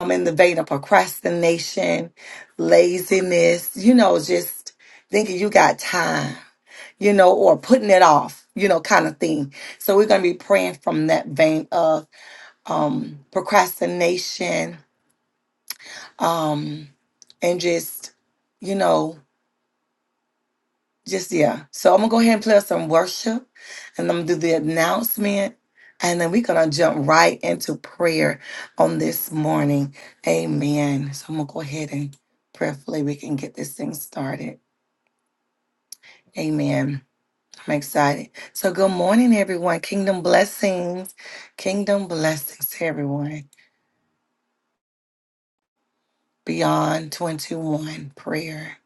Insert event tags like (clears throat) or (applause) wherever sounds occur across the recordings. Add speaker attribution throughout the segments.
Speaker 1: I'm in the vein of procrastination, laziness, you know, just thinking you got time, you know, or putting it off, you know, kind of thing. So we're going to be praying from that vein of um, procrastination um, and just, you know, Just yeah. So I'm gonna go ahead and play us some worship and I'm gonna do the announcement and then we're gonna jump right into prayer on this morning. Amen. So I'm gonna go ahead and prayerfully we can get this thing started. Amen. I'm excited. So good morning, everyone. Kingdom blessings. Kingdom blessings to everyone. Beyond 21 prayer.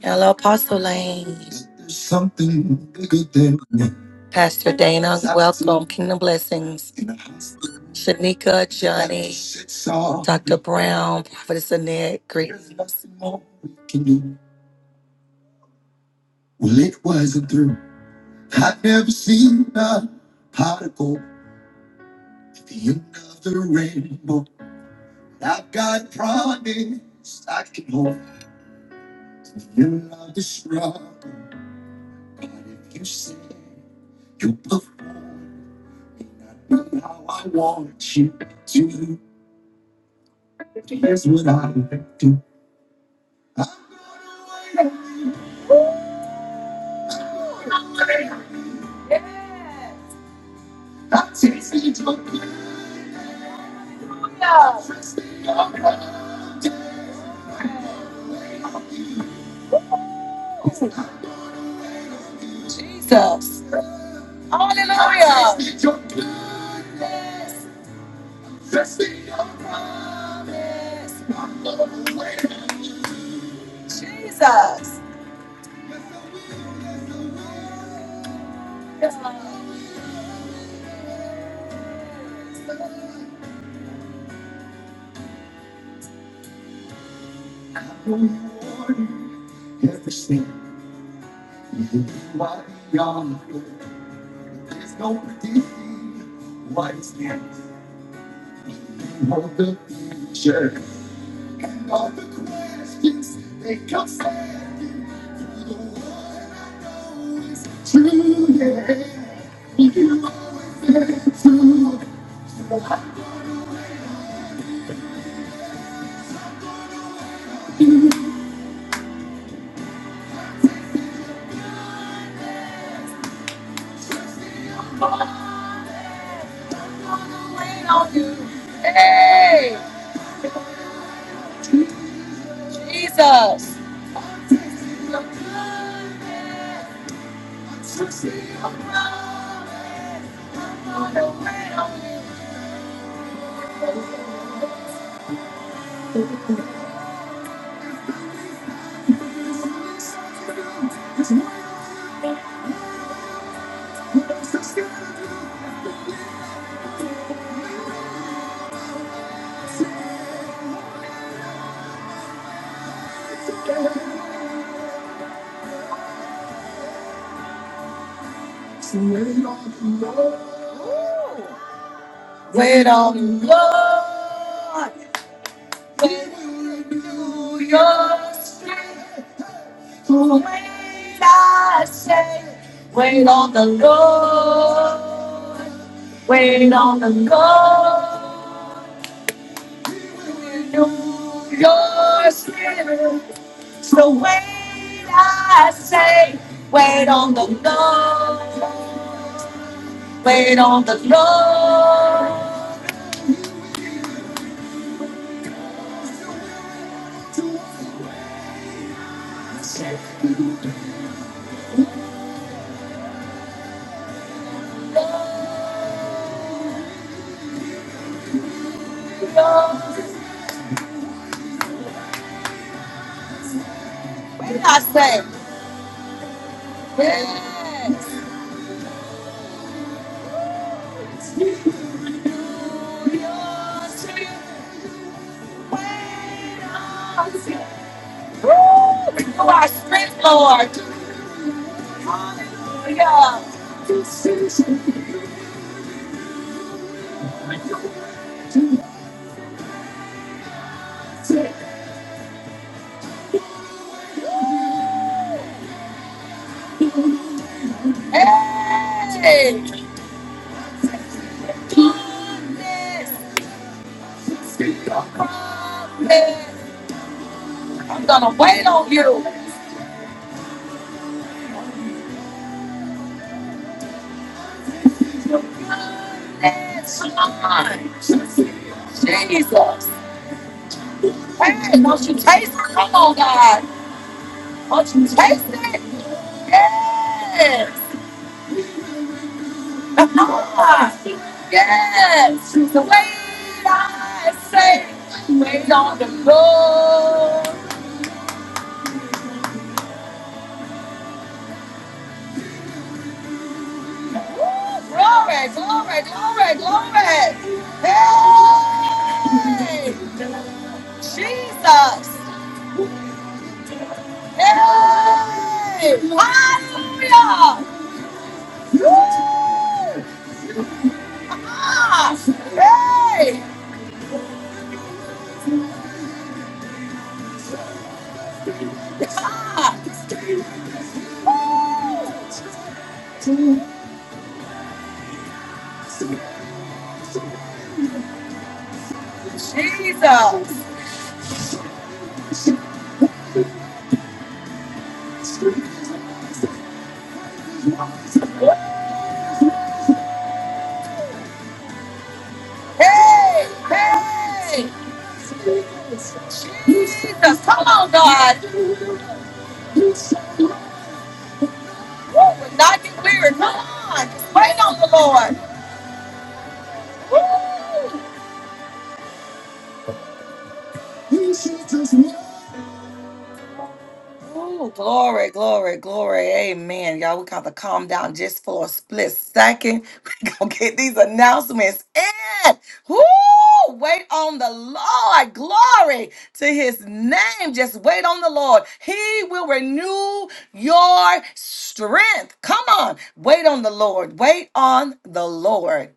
Speaker 1: Hello, Apostle Lane, Pastor Dana. Kingdom blessings. Shanika, the Brown, Prophetess Annette, Great Jesus. Hey, Jesus. Wait, I say, wait on the Lord. Wait on the Lord. Renew your spirit. So wait, I say, wait on the Lord. Wait on the Lord. I say, yes. Woo! You are strength, Lord. Hallelujah. Hey! Goodness, goodness. I'm gonna wait on you. Goodness, Come Jesus. Hey, don't you taste it? Come on, God. Don't you taste it? Yes. Ah, Yes. the way I say, wait on the Lord. Woo, Glory, glory, glory, glory. Hey, Jesus. Hey, hallelujah. Woo, ah, hey, ah, woo, Jesus. Hey, hey. Jesus, come on, God. Woo, we're not get weary. Come on. Just wait on the Lord. Woo. Ooh, glory, glory, glory. Amen. Y'all, we got to calm down just for a split second. (laughs) we going to get these announcements in. Woo! Wait on the Lord. Glory to his name. Just wait on the Lord. He will renew your strength. Come on. Wait on the Lord. Wait on the Lord.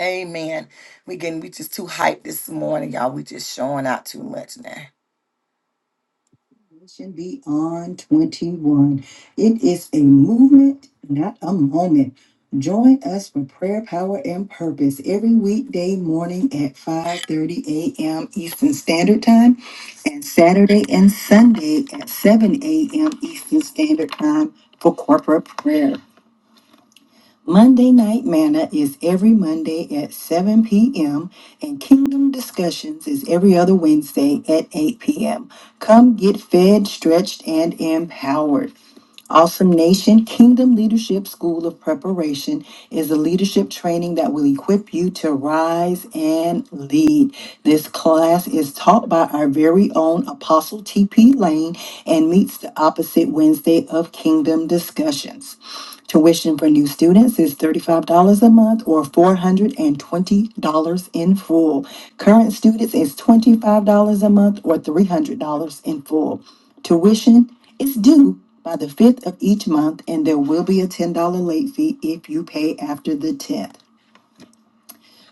Speaker 1: Amen. We getting we just too hyped this morning, y'all. We just showing out too much now. Mission Beyond 21. It is a movement, not a moment. Join us for prayer, power, and purpose every weekday morning at 5 30 and Sunday at 10 a.m. Eastern Standard Time for corporate prayer. Monday Night Manna is every Monday at 7 p.m., and Kingdom Discussions is every other Wednesday at 8 p.m. Come get fed, stretched, and empowered. Awesome Nation Kingdom Leadership School of Preparation is a leadership training that will equip you to rise and lead. This class is taught by our very own Apostle T.P. Lane and meets the opposite Wednesday of Kingdom Discussions. Tuition for new students is $35 a month or $420 in full. Current students is $25 a month or $300 in full. Tuition is due by the 5th of each month, and there will be a $10 late fee if you pay after the 10th.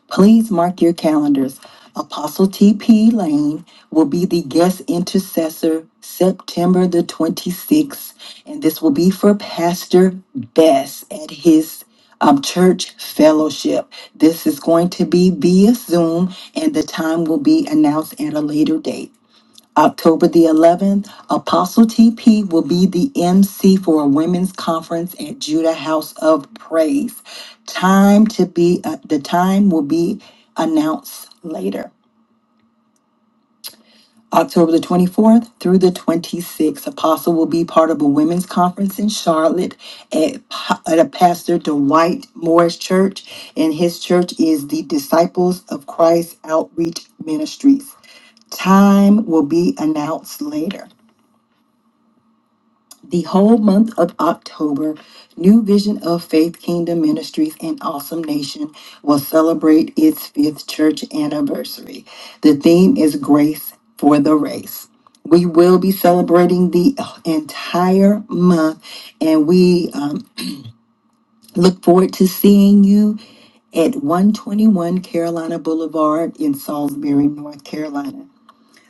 Speaker 1: Please mark your calendars. Apostle T.P. Lane will be the guest intercessor September the 26th, and this will be for Pastor Bess at his um, church fellowship. This is going to be via Zoom, and the time will be announced at a later date. October the 11th, Apostle TP will be the MC for a women's conference at Judah House of Praise. Time to be, uh, the time will be announced later. October the 24th through the 26th, Apostle will be part of a women's conference in Charlotte at, Pa- at a Pastor Dwight Morris Church, and his church is the Disciples of Christ Outreach Ministries. Time will be announced later. the whole month of October, New Vision of Faith Kingdom Ministries and Awesome Nation will celebrate its fifth church anniversary. The theme is Grace for the Race. We will be celebrating the entire month, and we um, look forward to seeing you at 121 Carolina Boulevard in Salisbury, North Carolina.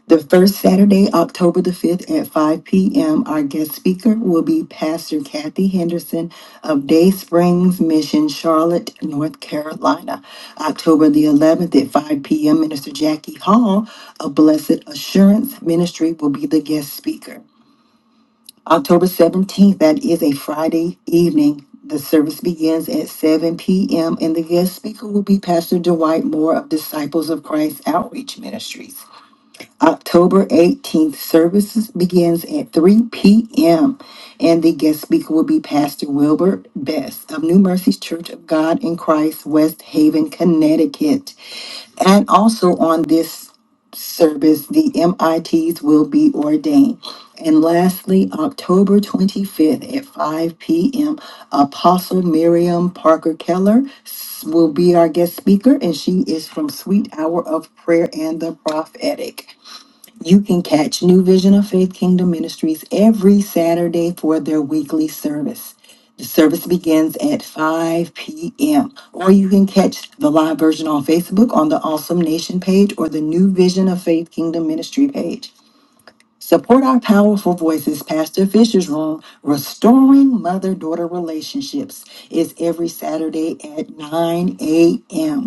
Speaker 1: The first Saturday, October the 5th at 5 p.m., our guest speaker will be Pastor Kathy Henderson of Day Springs Mission, Charlotte, North Carolina. October the 11th at 5 p.m., Minister Jackie Hall of Blessed Assurance Ministry will be the guest speaker. October 17th, that is a Friday evening. The service begins at 7 p.m., and the guest speaker will be Pastor Dwight Moore of Disciples of Christ Outreach Ministries. October 18th, services begins at 3 p.m. and the guest speaker will be Pastor Wilbert Best of New Mercies Church of God in Christ, West Haven, Connecticut. And also on this service, the MITs will be ordained. And lastly, October 25th at 5 p.m., Apostle Miriam Parker Keller s- will be our guest speaker, and she is from Sweet Hour of Prayer and the Prophetic. You can catch New Vision of Faith Kingdom Ministries every Saturday for their weekly service. The service begins at 5 p.m. Or you can catch the live version on Facebook on the Awesome Nation page or the New Vision of Faith Kingdom Ministry page. Support our powerful voices. Pastor Fisher's Room, Restoring Mother Daughter Relationships, is every Saturday at 9 a.m.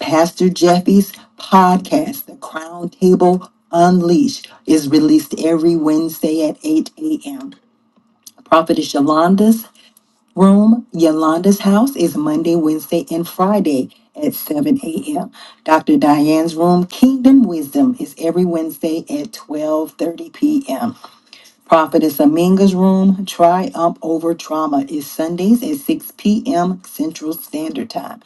Speaker 1: Pastor Jeffy's podcast, The Crown Table Unleashed, is released every Wednesday at 8 a.m. Prophetess Yolanda's room, Yolanda's house, is Monday, Wednesday, and Friday at 7 a.m. Dr. Diane's room, Kingdom Wisdom, is every Wednesday at 12:30 p.m. Prophetess Aminga's Room, Triumph Over Trauma, is Sundays at 6 p.m. Central Standard Time.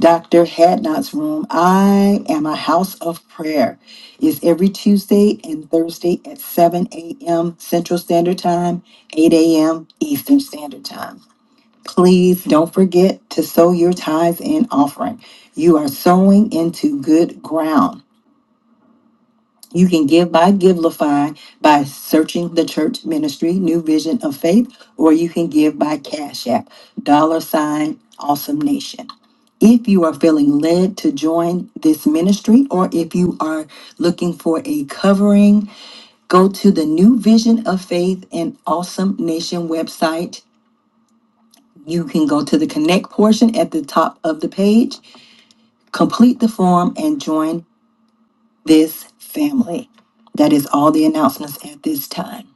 Speaker 1: Dr. Hadnot's Room, I Am a House of Prayer, is every Tuesday and Thursday at 7 a.m. Central Standard Time, 8 a.m. Eastern Standard Time. Please don't forget to sow your tithes and offering. You are sowing into good ground. You can give by Givelify by searching the church ministry, New Vision of Faith, or you can give by Cash App, dollar sign, Awesome Nation. If you are feeling led to join this ministry, or if you are looking for a covering, go to the New Vision of Faith and Awesome Nation website. You can go to the connect portion at the top of the page, complete the form, and join this family. That is all the announcements at this time.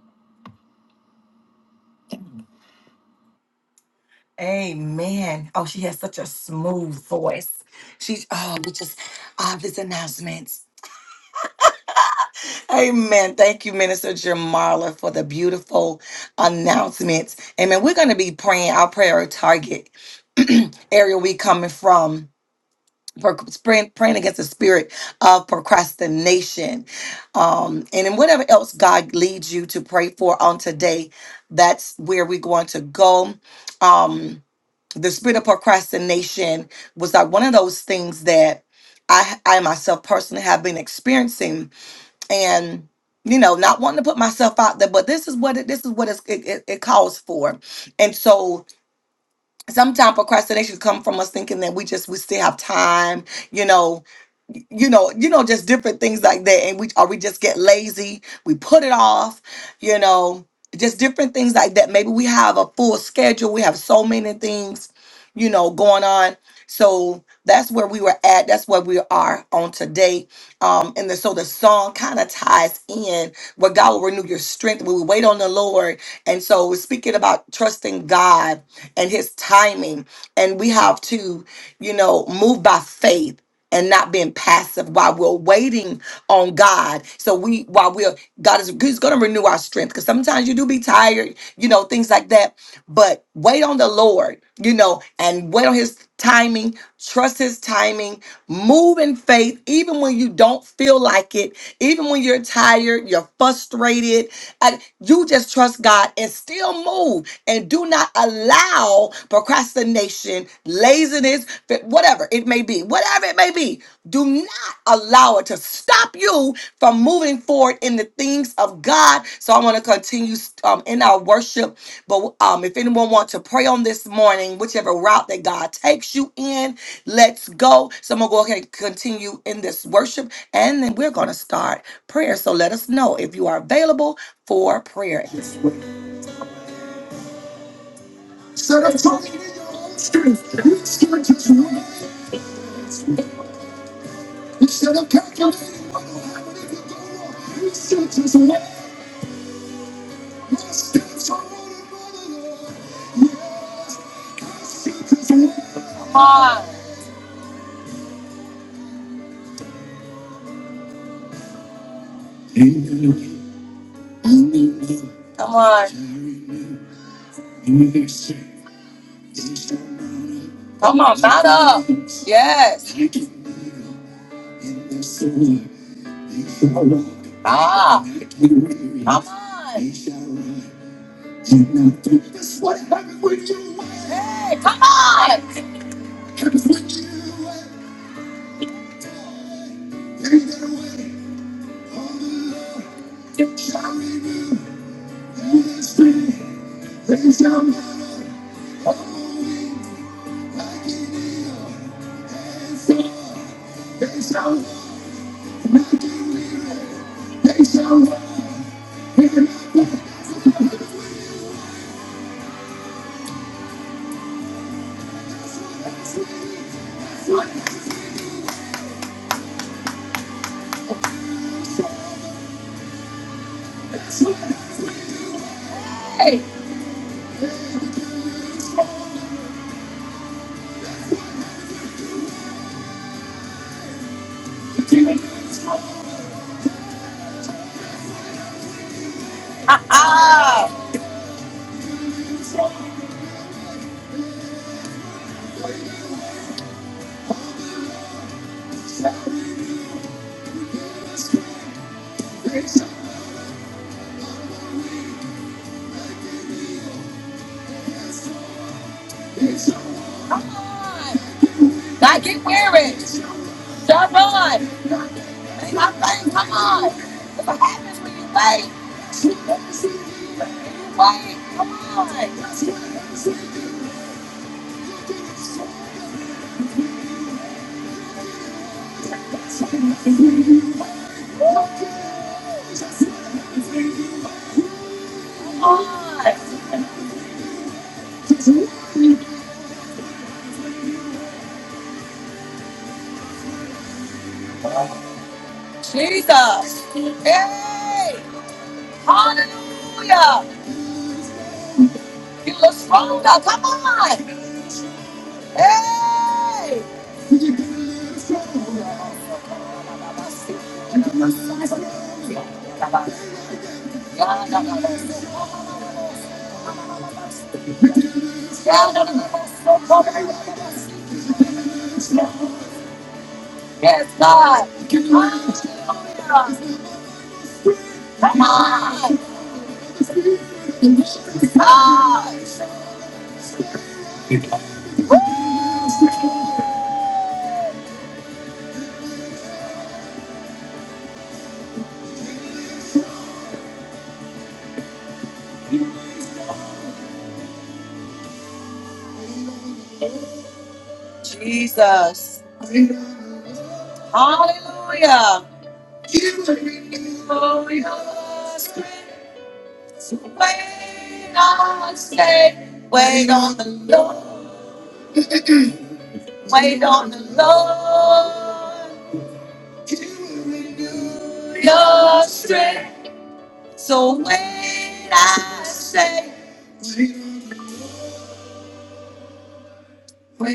Speaker 1: Amen. Oh, she has such a smooth voice. She's oh, we just all these announcements. Amen. Thank you, Minister Jamarla, for the beautiful announcements. Amen. We're gonna be praying our prayer target (clears throat) area we coming from. for praying, praying against the spirit of procrastination. Um, and in whatever else God leads you to pray for on today, that's where we're going to go. Um, the spirit of procrastination was like one of those things that I, I myself personally have been experiencing and you know not wanting to put myself out there but this is what it this is what it's, it, it, it calls for and so sometimes procrastination come from us thinking that we just we still have time you know you know, you know, just different things like that. And we or we just get lazy, we put it off, you know, just different things like that. Maybe we have a full schedule, we have so many things, you know, going on. So that's where we were at. That's where we are on today. Um, and the, so the song kind of ties in where God will renew your strength when we wait on the Lord. And so we're speaking about trusting God and his timing. And we have to, you know, move by faith and not being passive while we're waiting on God. So we while we're God is He's gonna renew our strength because sometimes you do be tired, you know, things like that. But wait on the Lord, you know, and wait on his timing, trust his timing, move in faith, even when you don't feel like it, even when you're tired, you're frustrated, and you just trust God and still move and do not allow procrastination procrastination, laziness, whatever it may be, whatever it may be, do not allow it to stop you from moving forward in the things of God. So I want to continue um, in our worship. But um, if anyone wants to pray on this morning, whichever route that God takes you in, let's go. So I'm going to go ahead and continue in this worship. And then we're going to start prayer. So let us know if you are available for prayer. at this time. Come on. Come on. Come on. Yes. Ah. Hey, come on! Hey, ha ha! Come on! Now get weary. Jump on! Make my thing, come on! What happens when you wait? You wait! Come on! Come on! Jesus! Hey! Hallelujah! You look stronger, come on! Hey! Yes, God! Come on! Ah, Jesus. Hallelujah. I say, wait, wait on the Lord. So when I say, wait.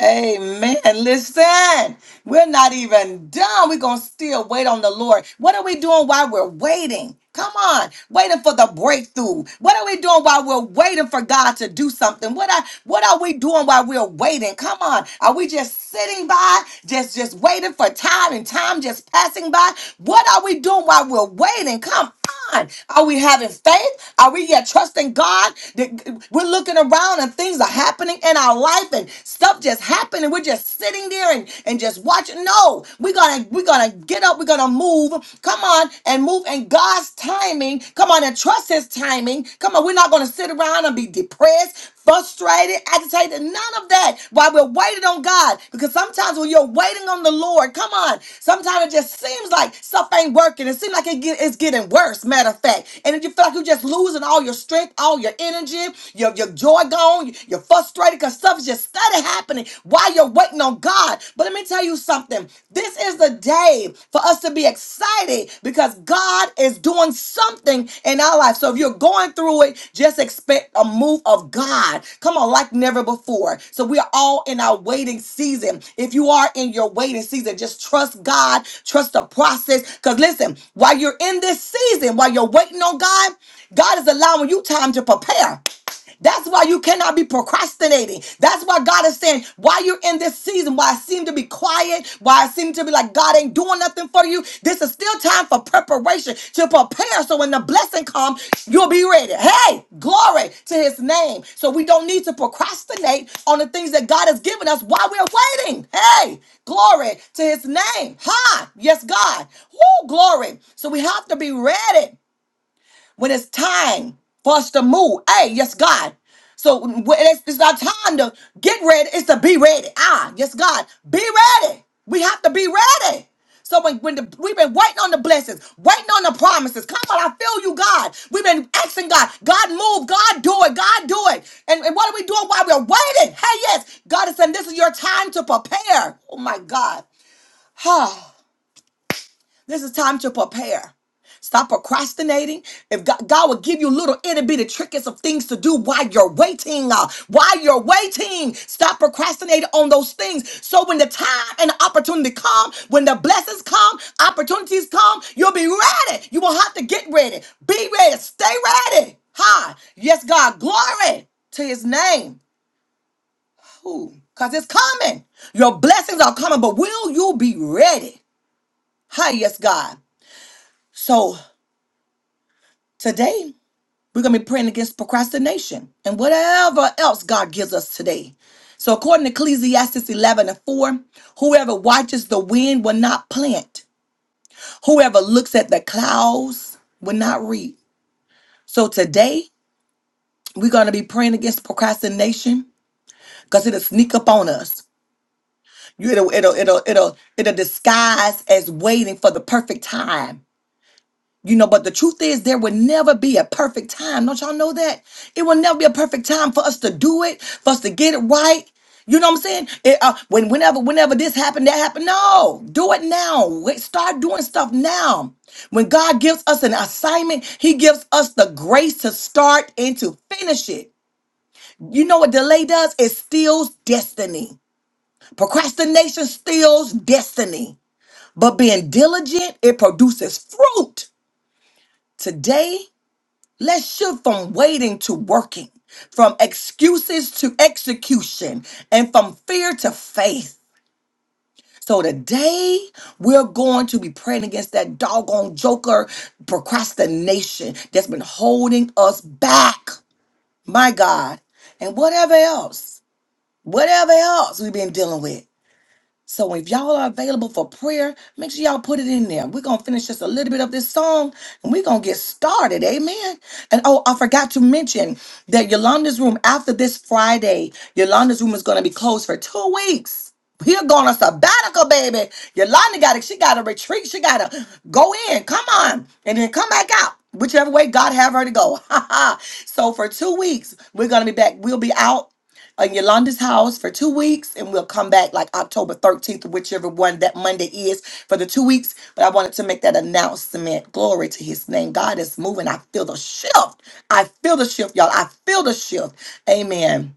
Speaker 1: Amen. Listen, we're not even done. We're going to still wait on the Lord. What are we doing while we're waiting? Come on, waiting for the breakthrough. What are we doing while we're waiting for God to do something? What are what are we doing while we're waiting? Come on, are we just sitting by, just just waiting for time and time just passing by? What are we doing while we're waiting? Come on? Are we having faith? Are we yet trusting God? That- We're looking around and things are happening in our life and stuff just happening. We're just sitting there and, and just watching. No, we're gonna we're gonna get up, we're gonna move. Come on and move in God's timing. Come on and trust his timing. Come on, we're not gonna sit around and be depressed, frustrated, agitated, none of that while we're waiting on God. Because sometimes when you're waiting on the Lord, come on, sometimes it just seems like stuff ain't working. It seems like it get, it's getting worse, matter of fact. And if you feel like you're just losing all your strength, all your energy, your, your joy gone, you're frustrated because stuff is just steady happening while you're waiting on God. But let me tell you something. This is the day today for us to be excited because God is doing something in our life. So if you're going through it, just expect a move of God. Come on, like never before. So we are all in our waiting season. If you are in your waiting season, just trust God, trust the process. Because listen, while you're in this season, while you're waiting on God, God is allowing you time to prepare. That's why you cannot be procrastinating. That's why God is saying, why you're in this season, why I seem to be quiet, why I seem to be like God ain't doing nothing for you. This is still time for preparation to prepare so when the blessing comes, you'll be ready. Hey, glory to his name. So we don't need to procrastinate on the things that God has given us while we're waiting. Hey, glory to his name. Hi, yes, God. Woo, glory. So we have to be ready when it's time for us to move. Hey, yes, God. So when it's, it's our time to get ready. It's to be ready. Ah, yes, God. Be ready. We have to be ready. So when, when the, we've been waiting on the blessings, waiting on the promises. Come on, I feel you, God. We've been asking God, God move, God do it, God do it. And, and what are we doing while we're waiting? Hey, yes, God is saying this is your time to prepare. Oh my God. (sighs) This is time to prepare. Stop procrastinating. If God, God will give you little itty bitty trinkets of things to do while you're waiting, uh, while you're waiting, stop procrastinating on those things. So when the time and the opportunity come, when the blessings come, opportunities come, you'll be ready. You will have to get ready. Be ready. Stay ready. Hi. Yes, God. Glory to His name. Ooh, Because it's coming. Your blessings are coming, but will you be ready? Hi, yes, God. So Today, we're going to be praying against procrastination and whatever else God gives us today. So, according to Ecclesiastes 11 and 4, whoever watches the wind will not plant, whoever looks at the clouds will not reap. So, today, we're going to be praying against procrastination because it'll sneak up on us. You- It'll, it'll, it'll, it'll, it'll disguise as waiting for the perfect time You know, but the truth is, there will never be a perfect time. Don't y'all know that? It will never be a perfect time for us to do it, for us to get it right. You know what I'm saying? It, uh, when whenever whenever this happened, that happened. No, do it now. Wait, Start doing stuff now. When God gives us an assignment, He gives us the grace to start and to finish it. You know what delay does? It steals destiny. Procrastination steals destiny. But being diligent, it produces fruit. Today Let's shift from waiting to working, from excuses to execution, and from fear to faith. So today, we're going to be praying against that doggone joker procrastination that's been holding us back. My God. And whatever else, whatever else we've been dealing with. So if y'all are available for prayer, make sure y'all put it in there. We're gonna finish just a little bit of this song and we're gonna get started. Amen. And oh, I forgot to mention that Yolanda's room after this Friday, Yolanda's room is gonna be closed for two weeks. We're going on sabbatical, baby. Yolanda got it. She got to retreat. She got to go in. Come on. And then come back out. Whichever way God have her to go. (laughs) so for two weeks, we're going to be back. We'll be out in Yolanda's house for two weeks, and we'll come back like October 13th, whichever one that Monday is for the two weeks. But I wanted to make that announcement. Glory to his name. God is moving. I feel the shift. I feel the shift, y'all. I feel the shift. Amen.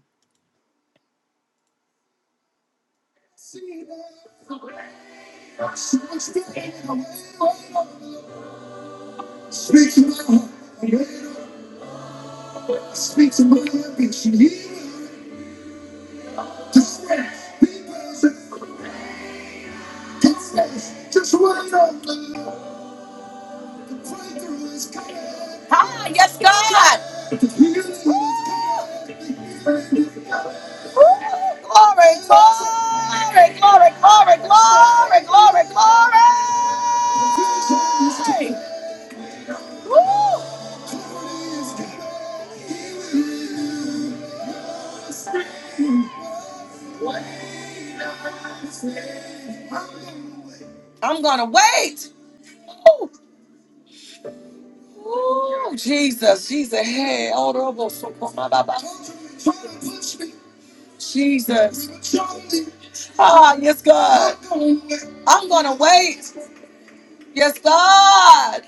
Speaker 1: Ah, yes, God. Woo, glory, glory, glory, glory, glory, glory, glory. Woo, I'm going to wait. Woo. Ooh, Jesus, Jesus, hey, hold on, Jesus. Ah, yes, God. I'm gonna wait. Yes, God.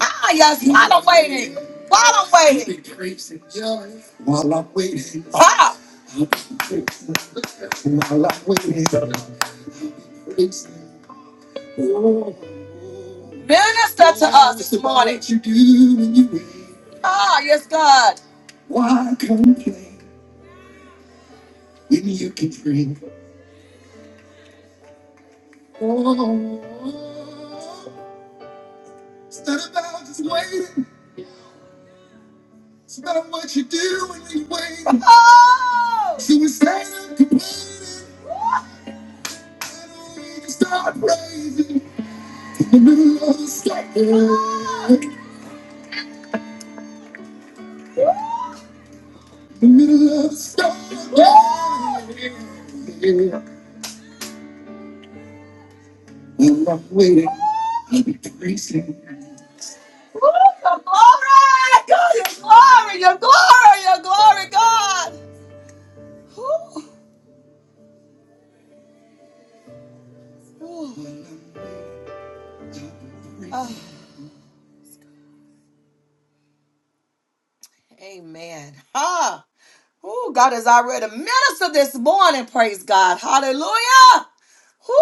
Speaker 1: Ah, yes, waiting. While I'm waiting, God, minister. Ah, yes, God. Oh, woo, woo, your glory, God, your glory, your glory, your glory, God. Woo. Amen. Ah, oh, God is already minister this morning. Praise God. Hallelujah. Woo,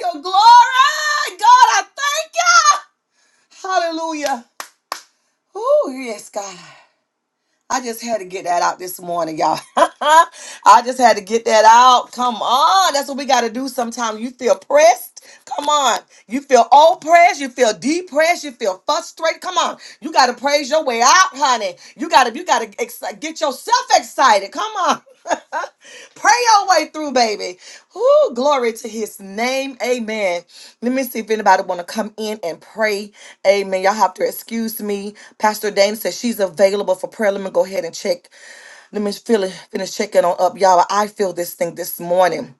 Speaker 1: your glory, God. I thank you. Hallelujah. Oh, yes, God. I just had to get that out this morning, y'all. (laughs) I just had to get that out. Come on. That's what we got to do sometimes. You feel pressed. Come on. You feel oppressed. You feel depressed. You feel frustrated. Come on. You got to praise your way out, honey. You got to you got to ex- get yourself excited. Come on. (laughs) Pray your way through, baby. Whoo, glory to his name. Amen. Let me see if anybody want to come in and pray. Amen. Y'all have to excuse me. Pastor Dana says she's available for prayer. Let me go ahead and check. Let me feel it, finish checking on up, y'all. I feel this thing this morning.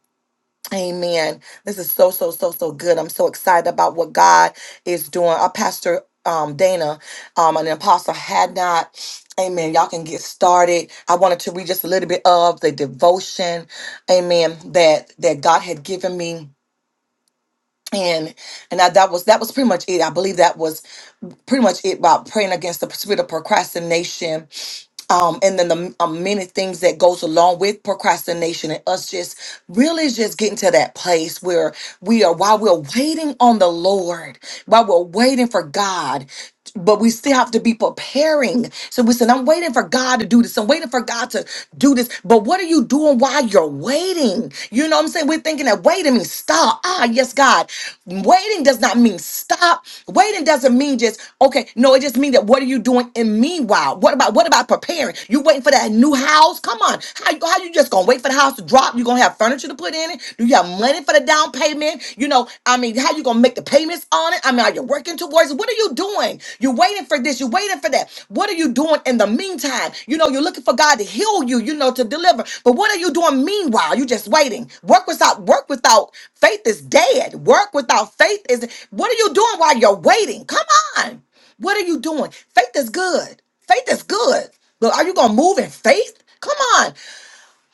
Speaker 1: Amen. This is so, so, so, so good. I'm so excited about what God is doing. Our pastor um, Dana um, and apostle had not. Amen. Y'all can get started. I wanted to read just a little bit of the devotion. Amen. That that God had given me and and I, that was that was pretty much it. I believe that was pretty much it about praying against the spirit of procrastination, um, and then the um, many things that goes along with procrastination, and us just really just getting to that place where we are while we're waiting on the Lord, while we're waiting for God but we still have to be preparing. So we said, I'm waiting for God to do this. I'm waiting for God to do this. But what are you doing while you're waiting? You know what I'm saying? We're thinking that waiting means stop. Ah, yes, God. Waiting does not mean stop. Waiting doesn't mean just, okay, no, it just means that what are you doing in meanwhile? What about what about preparing? You waiting for that new house? Come on. How, you- how you just gonna wait for the house to drop? You gonna have furniture to put in it? Do you have money for the down payment? payment? You know, I mean, how you gonna make the payments on it? I mean, are you working towards it? What are you doing? You're waiting for this, you're waiting for that. What are you doing in the meantime? You know, you're looking for God to heal you, you know, to deliver. But what are you doing meanwhile? You just waiting. Work without work without faith is dead. Work without faith is what are you doing while you're waiting? Come on. What are you doing? Faith is good. Faith is good. But are you gonna move in faith? Come on.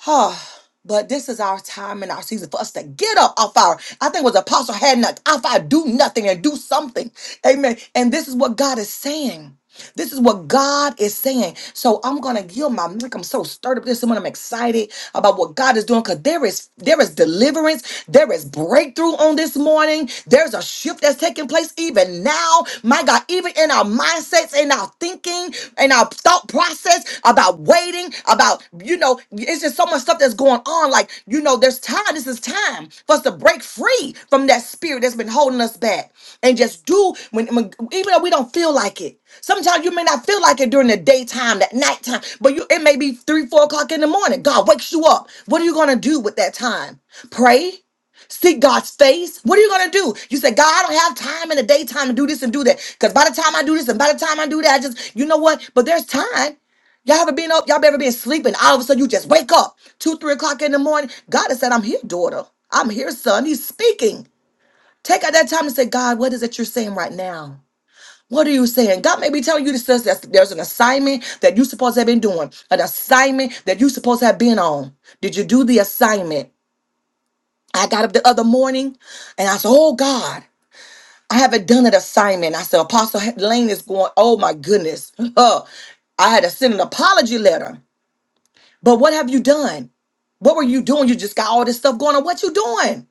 Speaker 1: Oh, but this is our time and our season for us to get up off our. I think it was Apostle had not off our do nothing and do something. Amen. And this is what God is saying. This is what God is saying. So I'm gonna give my mic. I'm so stirred up this morning. I'm excited about what God is doing because there is there is deliverance, there is breakthrough on this morning. There's a shift that's taking place even now. My God, even in our mindsets, in our thinking, in our thought process about waiting, about you know, it's just so much stuff that's going on. Like, you know, there's time. This is time for us to break free from that spirit that's been holding us back and just do when, when even though we don't feel like it. Sometimes you may not feel like it during the daytime, that nighttime, but you it may be three, four o'clock in the morning. God wakes you up. What are you gonna do with that time? Pray. Seek God's face. What are you gonna do? You say, God, I don't have time in the daytime to do this and do that. Because by the time I do this and by the time I do that, I just, you know what? But there's time. Y'all ever been up? Y'all ever been sleeping? All of a sudden, you just wake up two, three o'clock in the morning. God has said, "I'm here, daughter. I'm here, son." He's speaking. Take out that time and say, "God, what is it you're saying right now?" What are you saying? God may be telling you this says that there's an assignment that you supposed to have been doing, an assignment that you supposed to have been on. Did you do the assignment? I got up the other morning and I said, Oh God, I haven't done an assignment. I said, Apostle Lane is going, Oh my goodness. (laughs) I had to send an apology letter. But what have you done? What were you doing? You just got all this stuff going on. What you doing?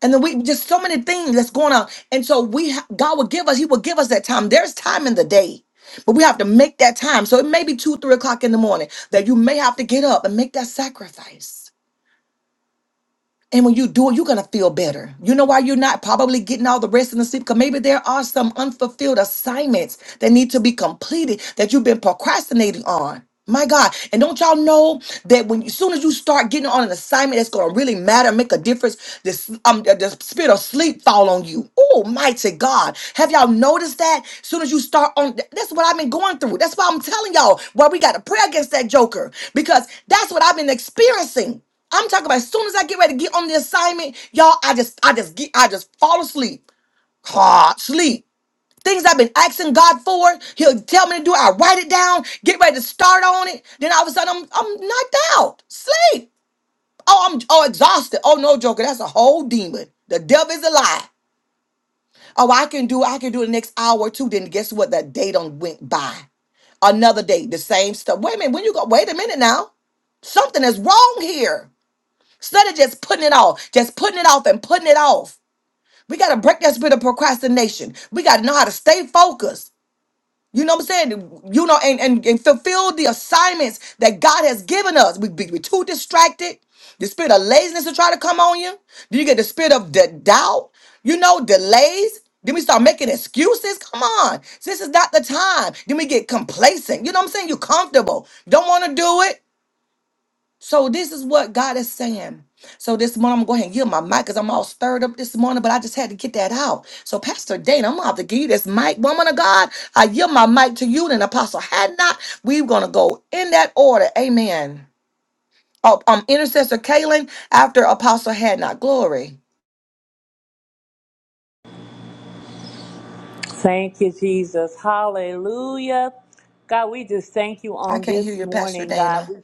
Speaker 1: And then we just so many things that's going on. And so we ha- God will give us, He will give us that time. There's time in the day. But we have to make that time. So it may be two, three o'clock in the morning that you may have to get up and make that sacrifice And when you do it, you're going to feel better. You know why you're not probably getting all the rest and the sleep? Because maybe there are some unfulfilled assignments that need to be completed that you've been procrastinating on. My God. And don't y'all know that when as soon as you start getting on an assignment that's going to really matter, make a difference, this um the, the spirit of sleep fall on you. Oh, mighty God. Have y'all noticed that? As soon as you start on that's what I've been going through. That's why I'm telling y'all why we got to pray against that joker because that's what I've been experiencing. I'm talking about as soon as I get ready to get on the assignment, y'all, I just I just get I just fall asleep. hard sleep. Things I've been asking God for, He'll tell me to do. it. I write it down, get ready to start on it. Then all of a sudden, I'm I'm knocked out. Sleep. Oh, I'm oh exhausted. Oh no, Joker, that's a whole demon. The devil is a lie. Oh, I can do I can do the next hour or two. Then guess what? That day done went by. Another day, the same stuff. Wait a minute. When you go? Wait a minute now. Something is wrong here. Instead of just putting it off, just putting it off and putting it off. We got to break that spirit of procrastination. We got to know how to stay focused. You know what I'm saying? You know, and, and, and fulfill the assignments that God has given us. We be we too distracted. The spirit of laziness will try to come on you. Then you get the spirit of the doubt, you know, delays. Then we start making excuses. Come on. This is not the time. Then we get complacent. You know what I'm saying? You're comfortable. Don't want to do it. So this is what God is saying. So this morning I'm going to go ahead and give my mic because I'm all stirred up this morning, but I just had to get that out. So Pastor Dana, I'm gonna have to give you this mic, woman of God. I yield my mic to you and Apostle Had not. We're gonna go in that order. Amen. Oh, um, intercessor Kaylin after Apostle Had not. Glory.
Speaker 2: Thank you, Jesus. Hallelujah. God, we just thank you
Speaker 1: I
Speaker 2: on
Speaker 1: can't hear
Speaker 2: this
Speaker 1: you, Pastor
Speaker 2: morning, God.
Speaker 1: Dana.
Speaker 2: We-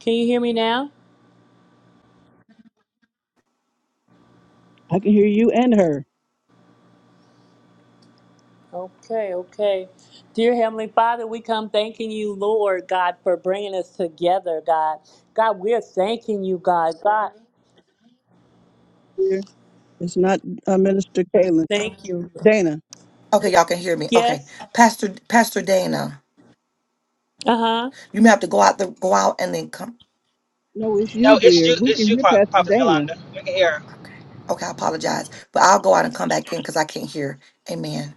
Speaker 2: Can you hear me now?
Speaker 3: I can hear you and her.
Speaker 2: Okay, okay. Dear Heavenly Father, we come thanking you, Lord God, for bringing us together, God. God, we're thanking you, God. God,
Speaker 3: dear. It's not uh, Minister Kaylin.
Speaker 2: thank you.
Speaker 3: Dana.
Speaker 1: Okay, y'all can hear me. Okay,
Speaker 2: Yes.
Speaker 1: Pastor Pastor Dana,
Speaker 2: Uh huh.
Speaker 1: you may have to go out the go out and then come.
Speaker 3: No, it's you,
Speaker 4: No, it's
Speaker 3: dear.
Speaker 4: you.
Speaker 3: We
Speaker 4: It's
Speaker 3: can
Speaker 4: you,
Speaker 3: hear
Speaker 4: Pro-
Speaker 3: Pastor
Speaker 4: Prophet
Speaker 3: Dana.
Speaker 4: Yolanda. We can hear. her.
Speaker 1: Okay, okay, I apologize, but I'll go out and come back in because I can't hear. Amen.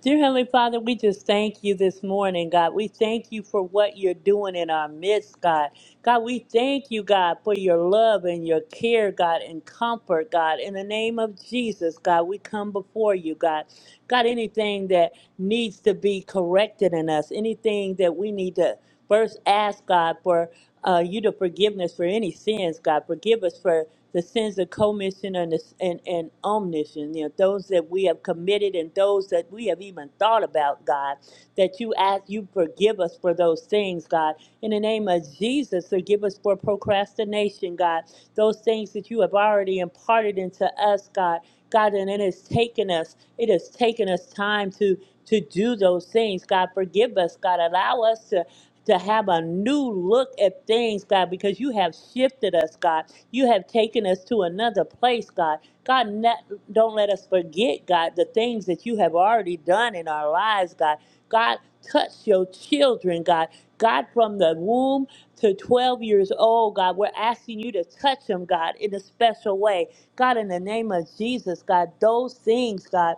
Speaker 2: Dear Heavenly Father, we just thank you this morning, God. We thank you for what you're doing in our midst, God. God, we thank you, God, for your love and your care, God, and comfort, God. In the name of Jesus, God, we come before you, God. God, anything that needs to be corrected in us, anything that we need to first ask, God, for uh, you to forgiveness for any sins, God. Forgive us for the sins of commission and, the- and, and omniscience, you know, those that we have committed and those that we have even thought about, God, that you ask, you forgive us for those things, God. In the name of Jesus, forgive us for procrastination, God, those things that you have already imparted into us, God. God, and it has taken us, it has taken us time to to do those things. God, forgive us, God. Allow us to to have a new look at things, God, because you have shifted us, God. You have taken us to another place, God. God, not, don't let us forget, God, the things that you have already done in our lives, God. God, touch your children, God. God, from the womb to 12 years old, God, we're asking you to touch them, God, in a special way. God, in the name of Jesus, God, those things, God,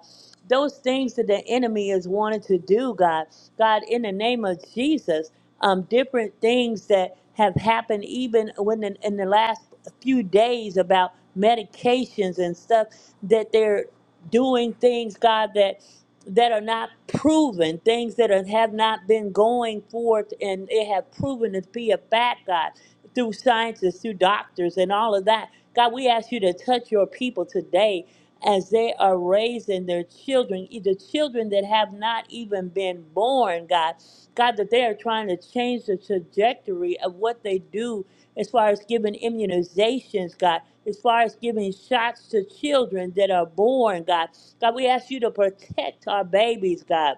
Speaker 2: those things that the enemy is wanting to do, God, God, in the name of Jesus, um, different things that have happened even when in, in the last few days about medications and stuff that they're doing things, God, that that are not proven, things that are, have not been going forth and it have proven to be a fact, God, through scientists, through doctors, and all of that. God, we ask you to touch your people today as they are raising their children, either children that have not even been born, God. God, that they are trying to change the trajectory of what they do as far as giving immunizations, God, as far as giving shots to children that are born, God. God, we ask you to protect our babies, God.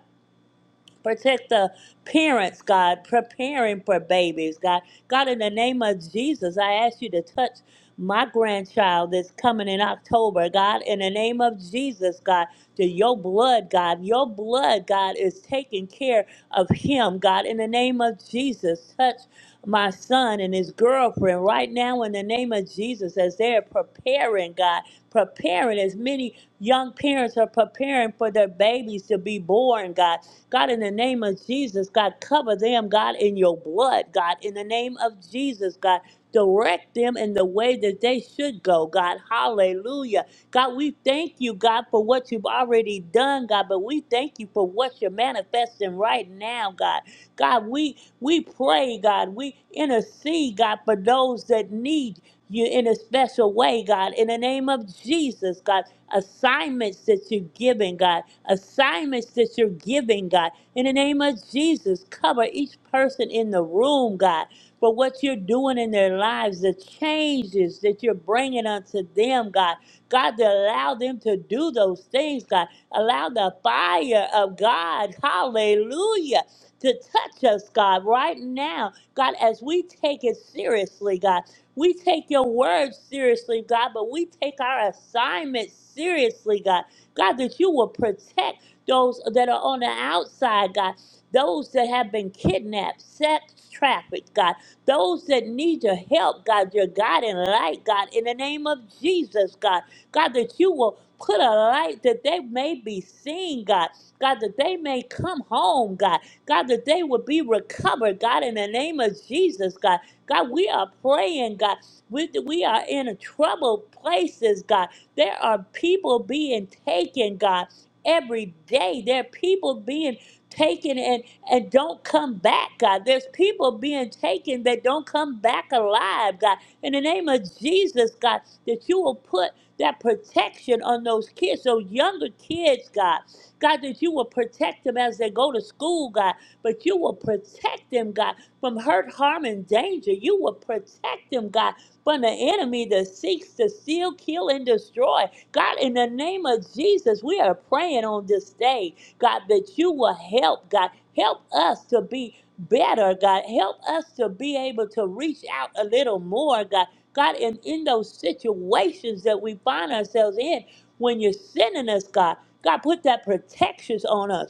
Speaker 2: Protect the parents, God, preparing for babies, God. God, in the name of Jesus, I ask you to touch my grandchild that's coming in October, God. In the name of Jesus, God, to your blood, God. Your blood, God, is taking care of him, God. In the name of Jesus, touch my son and his girlfriend right now in the name of Jesus as they're preparing, God. Preparing as many young parents are preparing for their babies to be born, God God, in the name of Jesus, God, cover them, God, in your blood, God, in the name of Jesus, God. Direct them in the way that they should go, God. Hallelujah. God, we thank you, God, for what you've already done, God, but we thank you for what you're manifesting right now, God. God, we we pray, God, we intercede, God, for those that need you in a special way, God, in the name of Jesus, God, assignments that you're giving, God assignments that you're giving, God. In the name of Jesus, cover each person in the room, God, for what you're doing in their lives, the changes that you're bringing unto them, God. God, to allow them to do those things, God. Allow the fire of God, hallelujah, to touch us, God, right now. God, as we take it seriously, God, we take your word seriously, God, but we take our assignment seriously, God. God, that you will protect those that are on the outside, God, those that have been kidnapped, sex trafficked, God, those that need your help, God, your guiding light, God, in the name of Jesus, God, God, that you will put a light that they may be seen, God, God, that they may come home, God, God, that they will be recovered, God, in the name of Jesus, God, God, we are praying, God, we, we are in troubled places, God. There are people being taken, God, every day. There are people being taken and, and don't come back, God. There's people being taken that don't come back alive, God. In the name of Jesus, God, that you will put that protection on those kids, those younger kids, God. God, that you will protect them as they go to school, God. But you will protect them, God, from hurt, harm, and danger. You will protect them, God, from the enemy that seeks to steal, kill, and destroy. God, in the name of Jesus, we are praying on this day, God, that you will help, God. Help us to be better, God. Help us to be able to reach out a little more, God. God, and in those situations that we find ourselves in, when you're sending us, God, God, put that protections on us.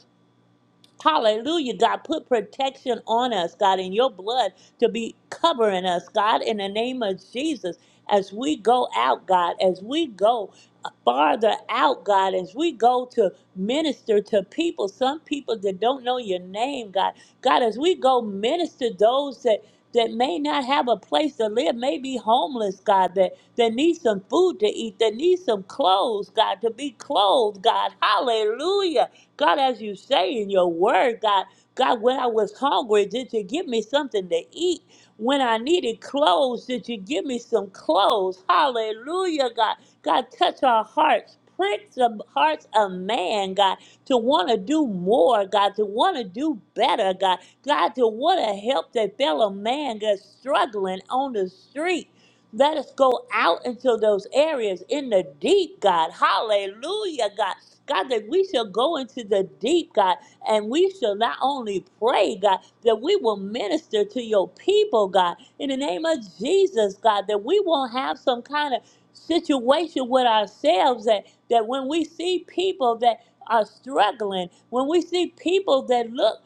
Speaker 2: Hallelujah, God. Put protection on us, God, in your blood to be covering us, God, in the name of Jesus. As we go out, God, as we go farther out, God, as we go to minister to people, some people that don't know your name, God, God, as we go minister those that that may not have a place to live, may be homeless, God, that, that need some food to eat, that need some clothes, God, to be clothed, God. Hallelujah. God, as you say in your word, God, God, when I was hungry, did you give me something to eat? When I needed clothes, did you give me some clothes? Hallelujah, God. God, touch our hearts. Prick the hearts of man, God, to want to do more, God, to want to do better, God, God, to want to help that fellow man that's struggling on the street. Let us go out into those areas in the deep, God. Hallelujah, God. God, that we shall go into the deep, God, and we shall not only pray, God, that we will minister to your people, God, in the name of Jesus, God, that we won't have some kind of situation with ourselves that, that when we see people that are struggling, when we see people that look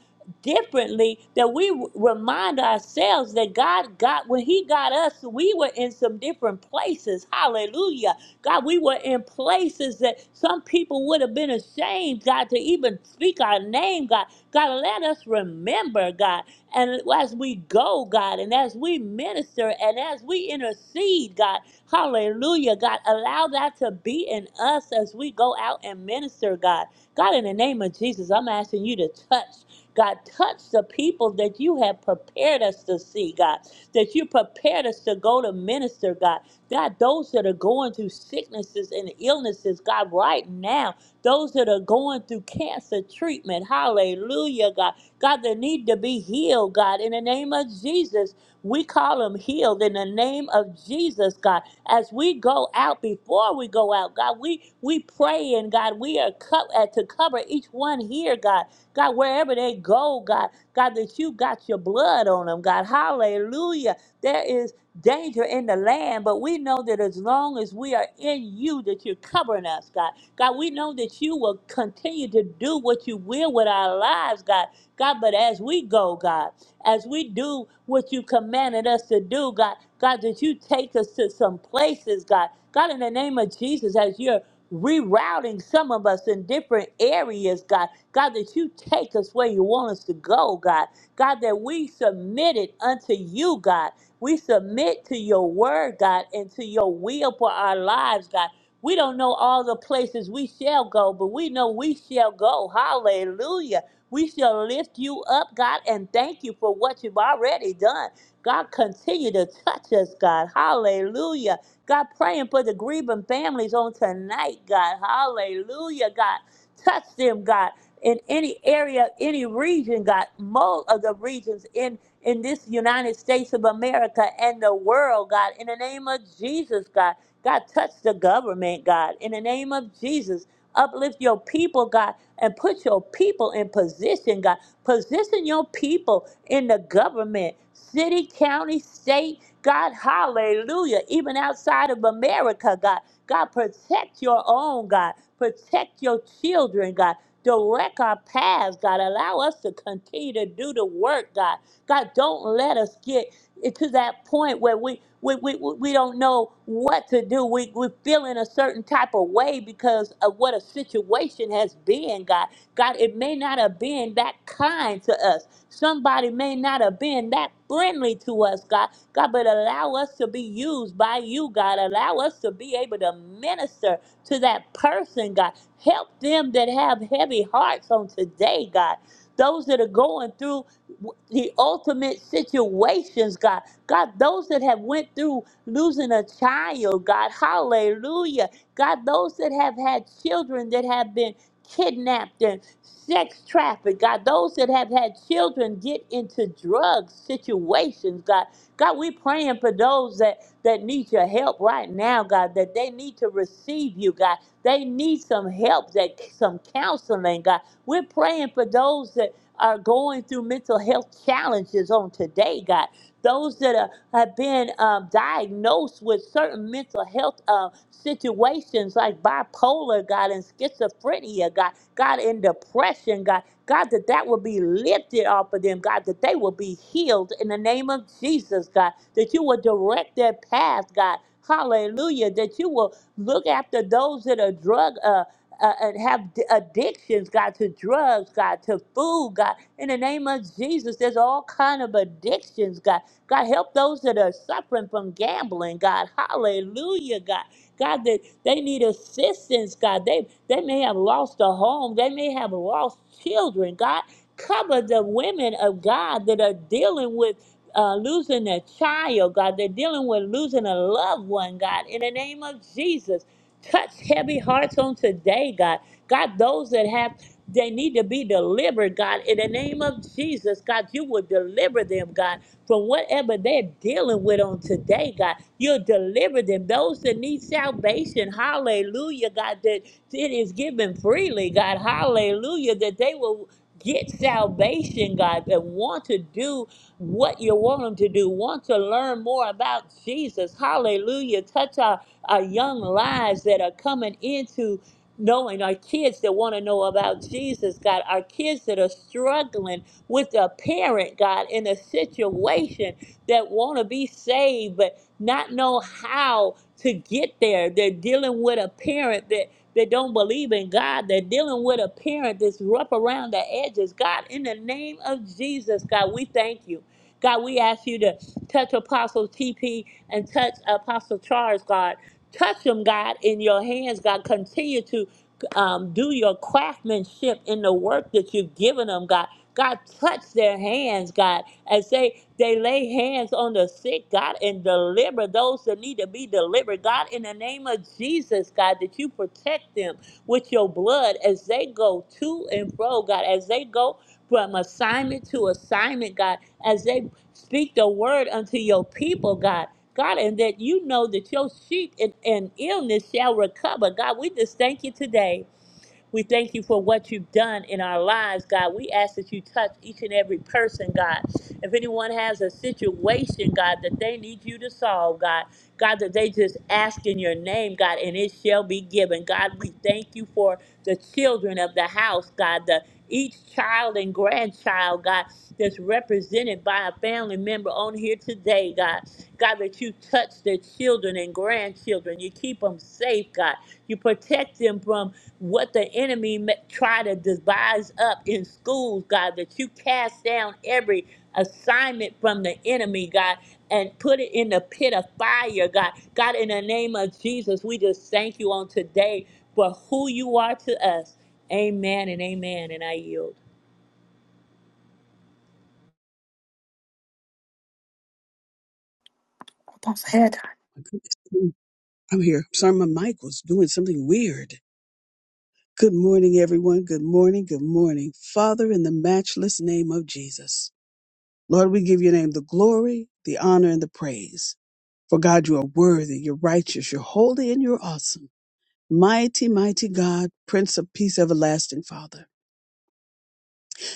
Speaker 2: differently that we w- remind ourselves that God got, when He got us, we were in some different places. Hallelujah. God, we were in places that some people would have been ashamed, God, to even speak our name, God. God, let us remember, God. And as we go, God, and as we minister and as we intercede, God, hallelujah, God, allow that to be in us as we go out and minister, God. God, in the name of Jesus, I'm asking you to touch. God, touch the people that you have prepared us to see, God, that you prepared us to go to minister, God. God, those that are going through sicknesses and illnesses, God, right now, those that are going through cancer treatment, hallelujah, God. God, they need to be healed, God, in the name of Jesus. We call them healed in the name of Jesus, God. As we go out, before we go out, God, we we pray and God, we are co- uh, to cover each one here, God. God, wherever they go, God, God, that you got your blood on them, God. Hallelujah. There is danger in the land, but we know that as long as we are in you, that you're covering us, God. God, we know that you will continue to do what you will with our lives, God. God, but as we go, God, as we do what you commanded us to do, God, God, that you take us to some places, God. God, in the name of Jesus, as you're rerouting some of us in different areas, God. God, that you take us where you want us to go, God. God, that we submit it unto you, God. We submit to your word, God, and to your will for our lives, God. We don't know all the places we shall go, but we know we shall go. Hallelujah. We shall lift you up, God, and thank you for what you've already done. God, continue to touch us, God. Hallelujah. God, praying for the grieving families on tonight, God. Hallelujah, God. Touch them, God in any area, any region, God, most of the regions in in this United States of America and the world, God, in the name of Jesus, God, God, touch the government, God, in the name of Jesus, uplift your people, God, and put your people in position, God, position your people in the government, city, county, state, God, hallelujah, even outside of America, God, God, protect your own, God, protect your children, God. Direct our paths, God. Allow us to continue to do the work, God. God, don't let us get to that point where we we, we, we don't know what to do. We, we feel in a certain type of way because of what a situation has been, God. God, it may not have been that kind to us. Somebody may not have been that friendly to us, God. God, but allow us to be used by you, God. Allow us to be able to minister to that person, God. Help them that have heavy hearts on today, God. Those that are going through the ultimate situations, God. God, those that have went through losing a child, God. Hallelujah. God, those that have had children that have been kidnapped and sex trafficked, God, those that have had children get into drug situations, God. God, we praying for those that, that need your help right now, God, that they need to receive you, God they need some help, that some counseling, God. We're praying for those that are going through mental health challenges on today, God. Those that are, have been um, diagnosed with certain mental health uh, situations like bipolar, God, and schizophrenia, God, God, and depression, God. God, that that will be lifted off of them, God, that they will be healed in the name of Jesus, God, that you will direct their path, God. Hallelujah, that you will Look after those that are drug uh, uh, and have d- addictions, God, to drugs, God, to food, God. In the name of Jesus, there's all kind of addictions, God. God, help those that are suffering from gambling, God. Hallelujah, God. God, that they need assistance, God. They they may have lost a home. They may have lost children, God. Cover the women of God that are dealing with uh, losing a child, God. They're dealing with losing a loved one, God. In the name of Jesus, touch heavy hearts on today, God. God, those that have, they need to be delivered, God. In the name of Jesus, God, you will deliver them, God, from whatever they're dealing with on today, God. You'll deliver them. Those that need salvation, hallelujah, God, that it is given freely, God, hallelujah, that they will get salvation, God, and want to do what you want them to do. Want to learn more about Jesus. Hallelujah. Touch our, our young lives that are coming into knowing our kids that want to know about Jesus, God, our kids that are struggling with a parent, God, in a situation that want to be saved but not know how to get there. They're dealing with a parent that that don't believe in God. They're dealing with a parent that's rough around the edges. God, in the name of Jesus, God, we thank you. God, we ask you to touch Apostle TP and touch Apostle Charles, God. Touch them, God, in your hands, God. Continue to um, do your craftsmanship in the work that you've given them, God. God, touch their hands, God, as they, they lay hands on the sick, God, and deliver those that need to be delivered. God, in the name of Jesus, God, that you protect them with your blood as they go to and fro, God, as they go from assignment to assignment, God, as they Speak the word unto your people, God. God, and that you know that your sheep in, in illness shall recover. God, we just thank you today. We thank you for what you've done in our lives, God. We ask that you touch each and every person, God. If anyone has a situation, God, that they need you to solve, God, God, that they just ask in your name, God, and it shall be given. God, we thank you for the children of the house, God, the each child and grandchild, God, that's represented by a family member on here today, God. God, that you touch their children and grandchildren. You keep them safe, God. You protect them from what the enemy ma- try to devise up in schools, God, that you cast down every assignment from the enemy, God, and put it in the pit of fire, God. God, in the name of Jesus, we just thank you on today for who you are to us. Amen and amen. And I yield.
Speaker 1: Boss head.
Speaker 3: My goodness. I'm here. Sorry, my mic was doing something weird. Good morning, everyone. Good morning. Good morning. Father, in the matchless name of Jesus, Lord, we give your name the glory, the honor, and the praise. For God, you are worthy, you're righteous, you're holy, and you're awesome. Mighty, mighty God, Prince of Peace, everlasting Father.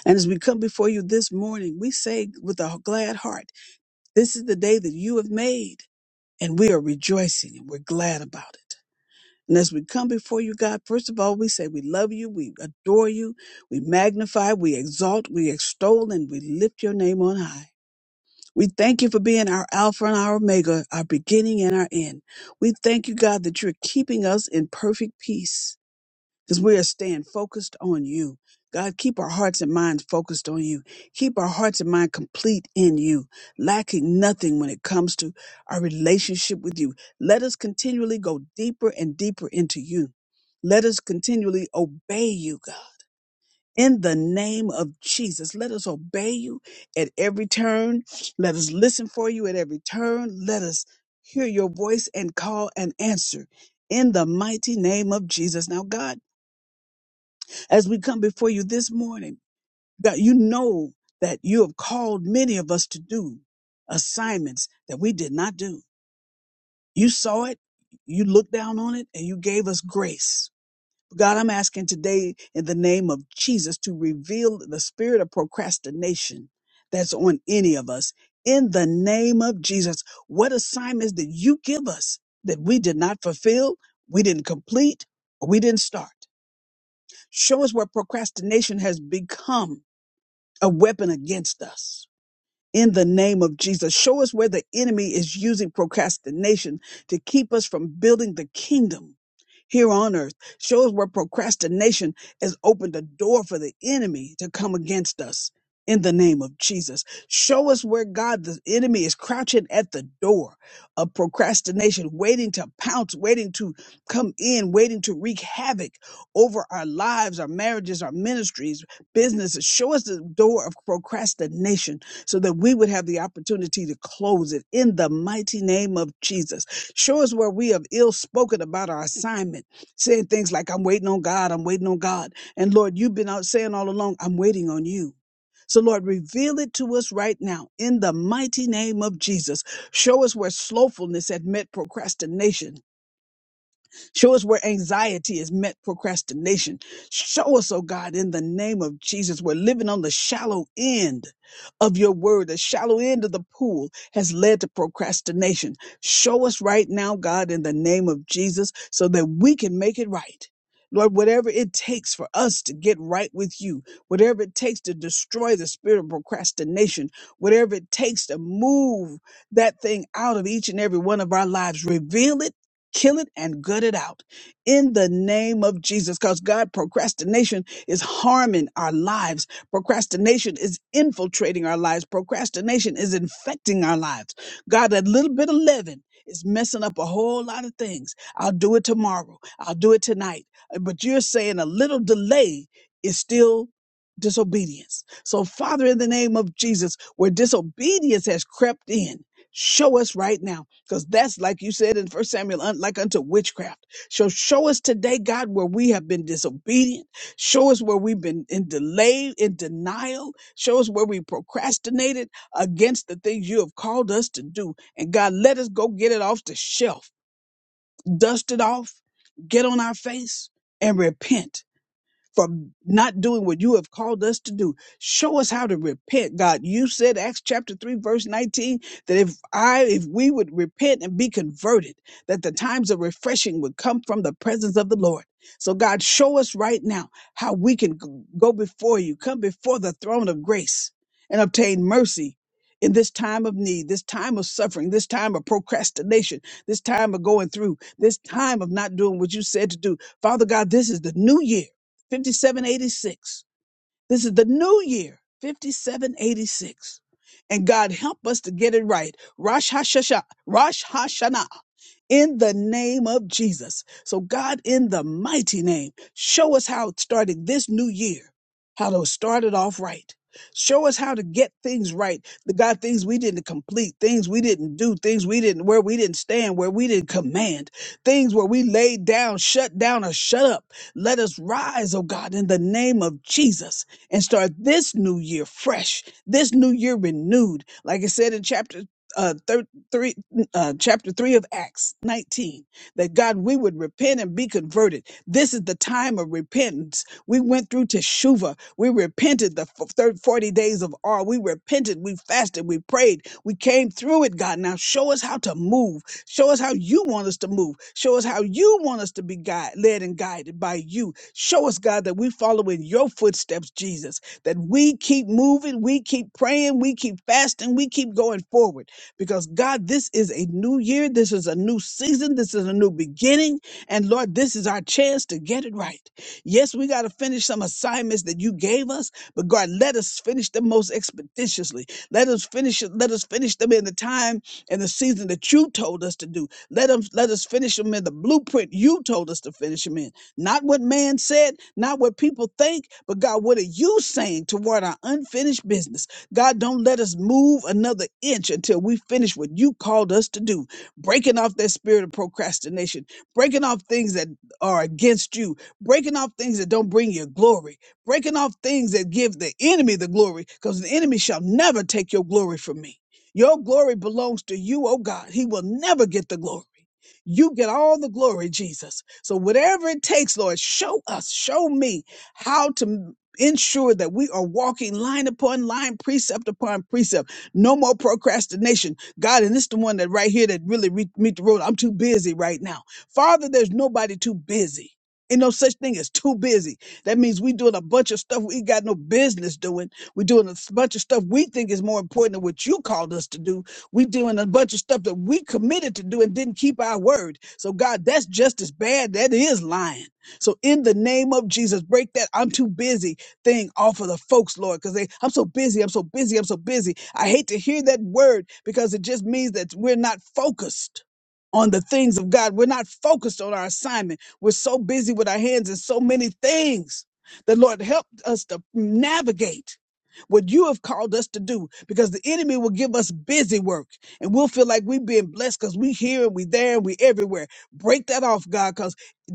Speaker 3: And as we come before you this morning, we say with a glad heart, This is the day that you have made, and we are rejoicing and we're glad about it. And as we come before you, God, first of all, we say we love you, we adore you, we magnify, we exalt, we extol, and we lift your name on high. We thank you for being our Alpha and our Omega, our beginning and our end. We thank you, God, that you're keeping us in perfect peace because we are staying focused on you. God, keep our hearts and minds focused on you. Keep our hearts and mind complete in you, lacking nothing when it comes to our relationship with you. Let us continually go deeper and deeper into you. Let us continually obey you, God. In the name of Jesus, let us obey you at every turn. Let us listen for you at every turn. Let us hear your voice and call and answer in the mighty name of Jesus. Now, God, as we come before you this morning, God, you know that you have called many of us to do assignments that we did not do. You saw it, you looked down on it, and you gave us grace. God, I'm asking today in the name of Jesus to reveal the spirit of procrastination that's on any of us. In the name of Jesus, what assignments did you give us that we did not fulfill, we didn't complete, or we didn't start? Show us where procrastination has become a weapon against us in the name of Jesus. Show us where the enemy is using procrastination to keep us from building the kingdom here on earth. Show us where procrastination has opened the door for the enemy to come against us in the name of Jesus. Show us where God, the enemy, is crouching at the door of procrastination, waiting to pounce, waiting to come in, waiting to wreak havoc over our lives, our marriages, our ministries, businesses. Show us the door of procrastination so that we would have the opportunity to close it in the mighty name of Jesus. Show us where we have ill spoken about our assignment, saying things like, I'm waiting on God, I'm waiting on God. And Lord, you've been out saying all along, I'm waiting on you. So, Lord, reveal it to us right now in the mighty name of Jesus. Show us where slothfulness had met procrastination Show us where anxiety has met procrastination. Show us, oh God, in the name of Jesus, we're living on the shallow end of your word. The shallow end of the pool has led to procrastination. Show us right now, God, in the name of Jesus, so that we can make it right. Lord, whatever it takes for us to get right with you, whatever it takes to destroy the spirit of procrastination, whatever it takes to move that thing out of each and every one of our lives, reveal it Kill it and gut it out in the name of Jesus. Because God, procrastination is harming our lives. Procrastination is infiltrating our lives. Procrastination is infecting our lives. God, that little bit of leaven is messing up a whole lot of things. I'll do it tomorrow. I'll do it tonight. Uh, But you're saying a little delay is still disobedience. So, Father, in the name of Jesus, where disobedience has crept in, Show us right now, because that's like you said in First Samuel, un- like unto witchcraft. So show us today, God, where we have been disobedient. Show us where we've been in delay, in denial. Show us where we procrastinated against the things you have called us to do. And God, let us go get it off the shelf, dust it off, get on our face, and repent for not doing what you have called us to do. Show us how to repent, God. You said Acts chapter 3 verse 19 that if I if we would repent and be converted, that the times of refreshing would come from the presence of the Lord. So God, show us right now how we can g- go before you, come before the throne of grace and obtain mercy in this time of need, this time of suffering, this time of procrastination, this time of going through, this time of not doing what you said to do. Father God, this is the new year 5786. This is the new year, 5786. And God help us to get it right. Rosh Hashanah, Rosh Hashanah in the name of Jesus. So, God, in the mighty name, show us how starting this new year, how to start it off right. Show us how to get things right. The God, things we didn't complete, things we didn't do, things we didn't, where we didn't stand, where we didn't command, things where we laid down, shut down, or shut up. Let us rise, oh God, in the name of Jesus and start this new year fresh, this new year renewed. Like I said in chapter uh, 33, uh, chapter 3 of Acts 19, that God, we would repent and be converted. This is the time of repentance. We went through Teshuvah. We repented the f- third 40 days of R. We repented. We fasted. We prayed. We came through it, God. Now show us how to move. Show us how you want us to move. Show us how you want us to be guide, led and guided by you. Show us, God, that we follow in your footsteps, Jesus, that we keep moving. We keep praying. We keep fasting. We keep going forward because God, this is a new year. This is a new season. This is a new beginning. And Lord, this is our chance to get it right. Yes, we got to finish some assignments that you gave us, but God, let us finish them most expeditiously. Let us finish it. Let us finish them in the time and the season that you told us to do. Let them, let us finish them in the blueprint you told us to finish them in. Not what man said, not what people think, but God, what are you saying toward our unfinished business? God, don't let us move another inch until we finish what you called us to do, breaking off that spirit of procrastination, breaking off things that are against you, breaking off things that don't bring you glory, breaking off things that give the enemy the glory, because the enemy shall never take your glory from me. Your glory belongs to you, oh God. He will never get the glory. You get all the glory, Jesus. So, whatever it takes, Lord, show us, show me how to ensure that we are walking line upon line, precept upon precept. No more procrastination. God, and this the one that right here that really re- meet the road. I'm too busy right now. Father, there's nobody too busy. Ain't no such thing as too busy. That means we doing a bunch of stuff we got no business doing. we doing a s- bunch of stuff we think is more important than what you called us to do. we doing a bunch of stuff that we committed to do and didn't keep our word. So God, that's just as bad. That is lying. So in the name of Jesus, break that. I'm too busy thing off of the folks, Lord, because they I'm so busy, I'm so busy, I'm so busy. I hate to hear that word because it just means that we're not focused on the things of God. We're not focused on our assignment. We're so busy with our hands in so many things. The Lord helped us to navigate what you have called us to do because the enemy will give us busy work and we'll feel like we're being blessed because we here and we there and we everywhere. Break that off, God, because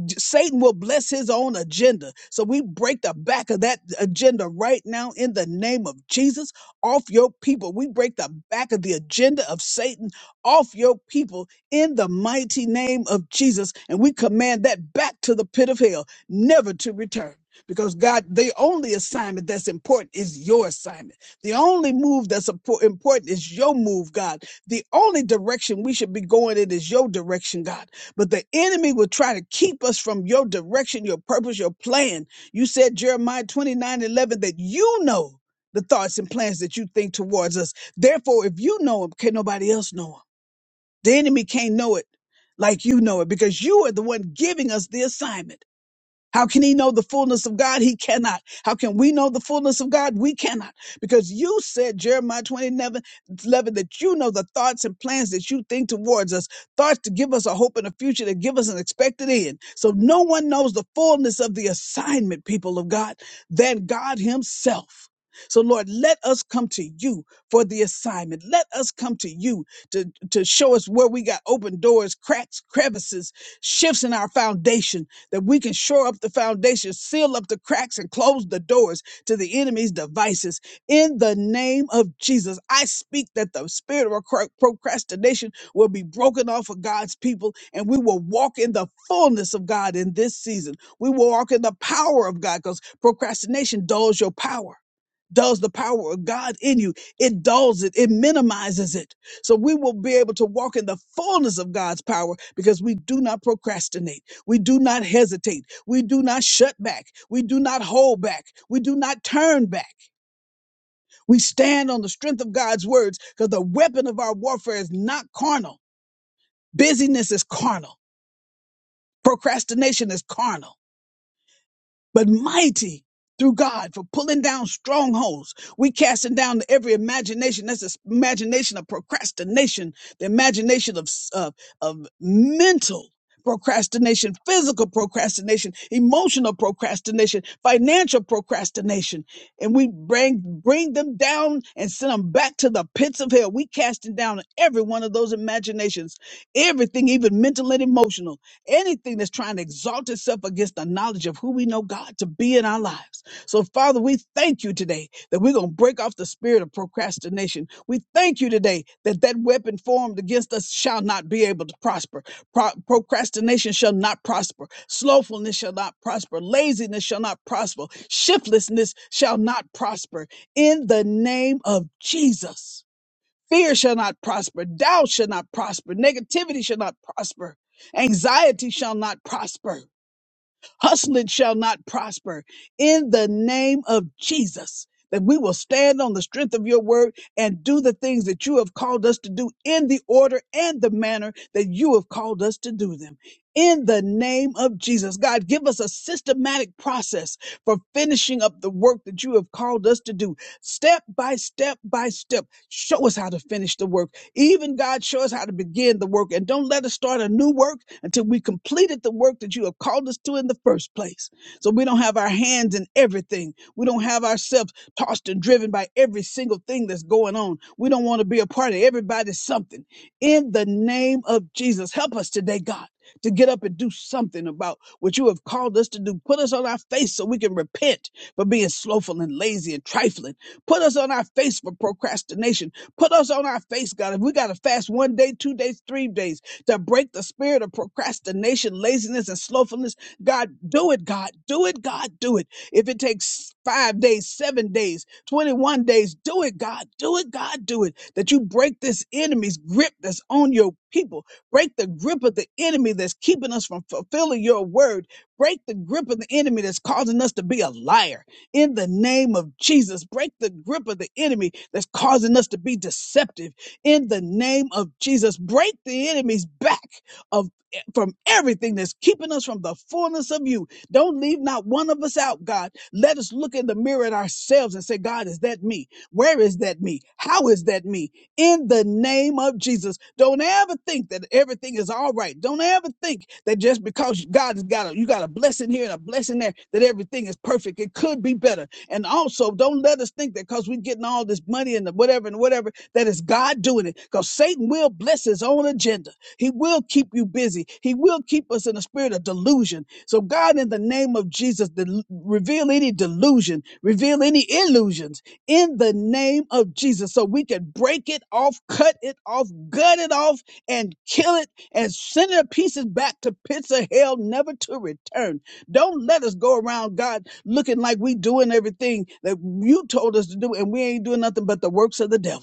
Speaker 3: d- Satan will bless his own agenda. So we break the back of that agenda right now in the name of Jesus off your people. We break the back of the agenda of Satan off your people in the mighty name of Jesus. And we command that back to the pit of hell, never to return. Because God, the only assignment that's important is your assignment. The only move that's impor- important is your move, God. The only direction we should be going in is your direction, God. But the enemy will try to keep us from your direction, your purpose, your plan. You said, Jeremiah 29 11 that you know the thoughts and plans that you think towards us. Therefore, if you know them, can nobody else know them? The enemy can't know it like you know it because you are the one giving us the assignment. How can he know the fullness of God? He cannot. How can we know the fullness of God? We cannot. Because you said, Jeremiah 29 11 that you know the thoughts and plans that you think towards us, thoughts to give us a hope and a future, to give us an expected end. So no one knows the fullness of the assignment, people of God, than God Himself. So, Lord, let us come to you for the assignment. Let us come to you to, to show us where we got open doors, cracks, crevices, shifts in our foundation that we can shore up the foundation, seal up the cracks, and close the doors to the enemy's devices. In the name of Jesus, I speak that the spirit of procra- procrastination will be broken off of God's people, and we will walk in the fullness of God in this season. We will walk in the power of God because procrastination dulls your power. Dulls the power of God in you. It dulls it. It minimizes it. So we will be able to walk in the fullness of God's power because we do not procrastinate. We do not hesitate. We do not shut back. We do not hold back. We do not turn back. We stand on the strength of God's words because the weapon of our warfare is not carnal. Busyness is carnal. Procrastination is carnal. but mighty through God for pulling down strongholds. We casting down every imagination. That's the imagination of procrastination, the imagination of, s- of, of mental procrastination, physical procrastination, emotional procrastination, financial procrastination. And we bring, bring them down and send them back to the pits of hell. We casting down every one of those imaginations, everything, even mental and emotional anything that's trying to exalt itself against the knowledge of who we know God to be in our lives. So, Father, we thank you today that we're going to break off the spirit of procrastination. We thank you today that that weapon formed against us shall not be able to prosper. Pro- procrastination shall not prosper. Slowfulness shall not prosper. Laziness shall not prosper. Shiftlessness shall not prosper. In the name of Jesus. Fear shall not prosper. Doubt shall not prosper. Negativity shall not prosper. Anxiety shall not prosper. Hustling shall not prosper. In the name of Jesus, that we will stand on the strength of your word and do the things that you have called us to do in the order and the manner that you have called us to do them. In the name of Jesus, God, give us a systematic process for finishing up the work that you have called us to do Step by step by step, show us how to finish the work. Even God, show us how to begin the work. And don't let us start a new work until we completed the work that you have called us to in the first place. So we don't have our hands in everything. We don't have ourselves tossed and driven by every single thing that's going on. We don't want to be a part of everybody's something. In the name of Jesus, help us today, God, to get up and do something about what you have called us to do. Put us on our face so we can repent for being slothful and lazy and trifling Put us on our face for procrastination. Put us on our face, God. If we got to fast one day, two days, three days to break the spirit of procrastination, laziness, and slothfulness, God, do it, God. Do it, God. Do it. If it takes five days, seven days, 21 days, do it, God. Do it, God. Do it. That you break this enemy's grip that's on your people. Break the grip of the enemy that's keeping us from fulfilling your word. Break the grip of the enemy that's causing us to be a liar in the name of Jesus. Break the grip of the enemy that's causing us to be deceptive in the name of Jesus. Break the enemy's back of from everything that's keeping us from the fullness of you. Don't leave not one of us out, God. Let us look in the mirror at ourselves and say, God, is that me? Where is that me? How is that me? in the name of Jesus. Don't ever think that everything is all right. Don't ever think that just because God has got a you got a blessing here and a blessing there that everything is perfect. It could be better. And also, don't let us think that because we're getting all this money and the whatever and whatever that it's God doing it. Because Satan will bless his own agenda. He will keep you busy. He will keep us in a spirit of delusion. So God, in the name of Jesus, del- reveal any delusion, reveal any illusions in the name of Jesus so we can break it off, cut it off, gut it off, and kill it and send the pieces back to pits of hell, never to return. Don't let us go around, God, looking like we doing everything that you told us to do and we ain't doing nothing but the works of the devil.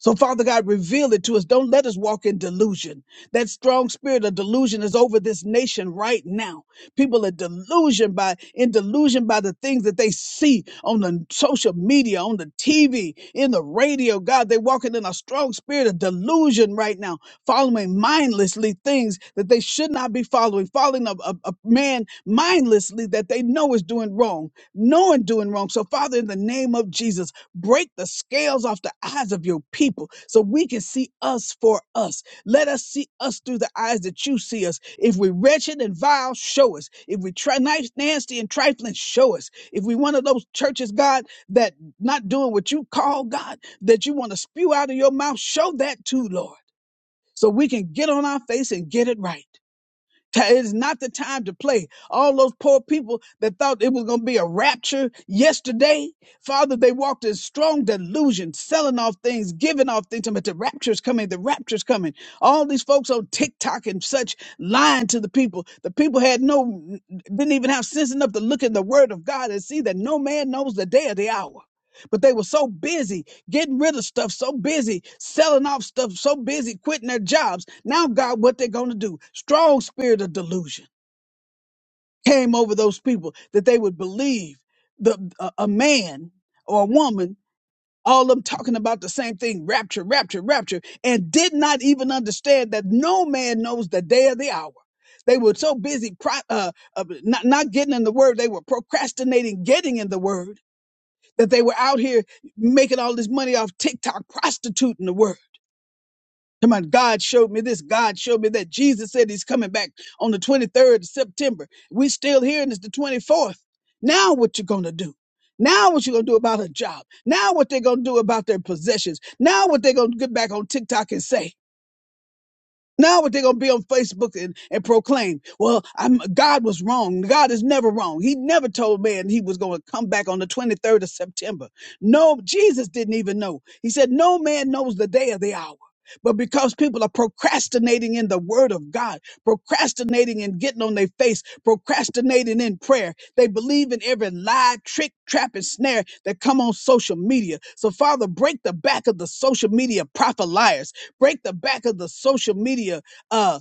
Speaker 3: So, Father God, reveal it to us. Don't let us walk in delusion. That strong spirit of delusion is over this nation right now. People are delusion by in delusion by the things that they see on the social media, on the TV, in the radio. God, they're walking in a strong spirit of delusion right now, following mindlessly things that they should not be following, following a, a, a man mindlessly that they know is doing wrong, knowing doing wrong. So, Father, in the name of Jesus. Break the scales off the eyes of your people so we can see us for us. Let us see us through the eyes that you see us. If we're wretched and vile, show us. If we try nice, nasty and trifling, show us. If we one of those churches, God, that not doing what you call God, that you want to spew out of your mouth, show that too, Lord, so we can get on our face and get it right. Ta- It's not the time to play. All those poor people that thought it was going to be a rapture yesterday, Father, they walked in strong delusion, selling off things, giving off things. But the rapture's coming. The rapture's coming. All these folks on TikTok and such lying to the people. The people had no, didn't even have sense enough to look in the Word of God and see that no man knows the day or the hour but they were so busy getting rid of stuff, so busy selling off stuff, so busy quitting their jobs. Now, God, what they're going to do? Strong spirit of delusion came over those people that they would believe the a, a man or a woman. All of them talking about the same thing, rapture, rapture, rapture, and did not even understand that no man knows the day or the hour. They were so busy pro- uh, uh, not, not getting in the word, they were procrastinating getting in the word that they were out here making all this money off TikTok, prostituting the world. Come on, God showed me this. God showed me that. Jesus said he's coming back on the 23rd of September. We still here and it's the 24th. Now what you gonna do? Now what you gonna do about a job? Now what they gonna do about their possessions? Now what they gonna get back on TikTok and say? Now what they're gonna be on Facebook and, and proclaim, well, I'm God was wrong. God is never wrong. He never told man he was gonna come back on the 23rd of September. No, Jesus didn't even know. He said, No man knows the day or the hour. But because people are procrastinating in the word of God, procrastinating and getting on their face, procrastinating in prayer, they believe in every lie, trick, trap, and snare that come on social media. So Father, break the back of the social media prophet liars Break the back of the social media uh,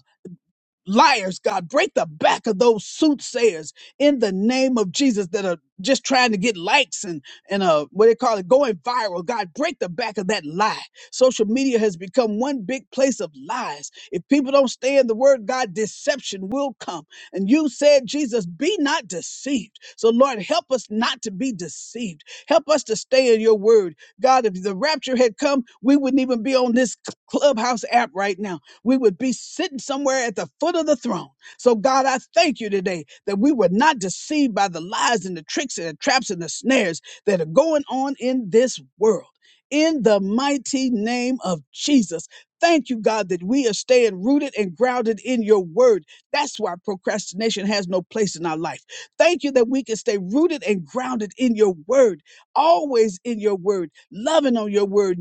Speaker 3: liars, God. Break the back of those soothsayers in the name of Jesus that are just trying to get likes and and uh what they call it going viral. God, break the back of that lie. Social media has become one big place of lies. If people don't stay in the word, God, deception will come. And you said, Jesus, be not deceived. So Lord, help us not to be deceived. Help us to stay in your word. God, if the rapture had come, we wouldn't even be on this clubhouse app right now we would be sitting somewhere at the foot of the throne. So, God, I thank you today that we were not deceived by the lies and the tricks and the traps and the snares that are going on in this world. In the mighty name of Jesus. Thank you, God, that we are staying rooted and grounded in your word. That's why procrastination has no place in our life. Thank you that we can stay rooted and grounded in your word, always in your word, loving on your word,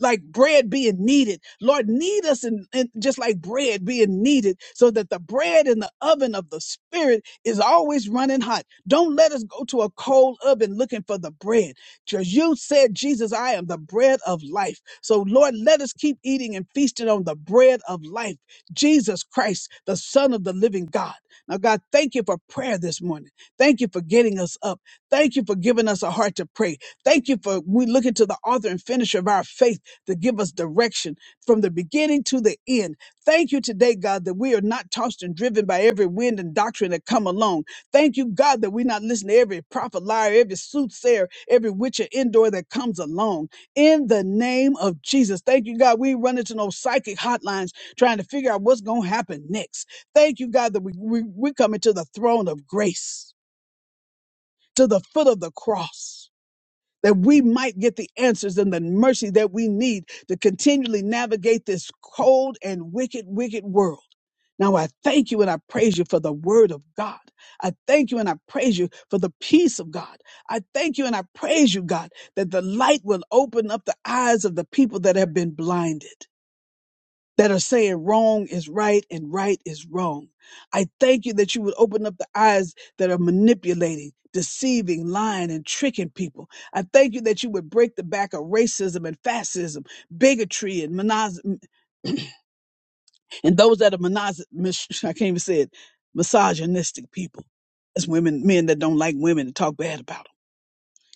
Speaker 3: like bread being kneaded, Lord, knead us in, in just like bread being kneaded, so that the bread in the oven of the spirit is always running hot. Don't let us go to a cold oven looking for the bread. Just you said, Jesus, I am the bread of life. So Lord, let us keep eating and feasting on the bread of life. Jesus Christ, the son of the living God. Now, God, thank you for prayer this morning. Thank you for getting us up. Thank you for giving us a heart to pray. Thank you for we look into the author and finisher of our faith to give us direction from the beginning to the end. Thank you today, God, that we are not tossed and driven by every wind and doctrine that come along. Thank you, God, that we not listen to every prophet, liar, every soothsayer, every witch or indoor that comes along. In the name of Jesus, thank you, God, we ain't running to no psychic hotlines trying to figure out what's going to happen next. Thank you, God, that we, we, we come into the throne of grace, to the foot of the cross that we might get the answers and the mercy that we need to continually navigate this cold and wicked, wicked world. Now I thank you and I praise you for the word of God. I thank you and I praise you for the peace of God. I thank you and I praise you, God, that the light will open up the eyes of the people that have been blinded that are saying wrong is right and right is wrong. I thank you that you would open up the eyes that are manipulating, deceiving, lying, and tricking people. I thank you that you would break the back of racism and fascism, bigotry, and monos- and those that are monos- mis- (laughs) I can't even say it, misogynistic people. That's women, men that don't like women and talk bad about them.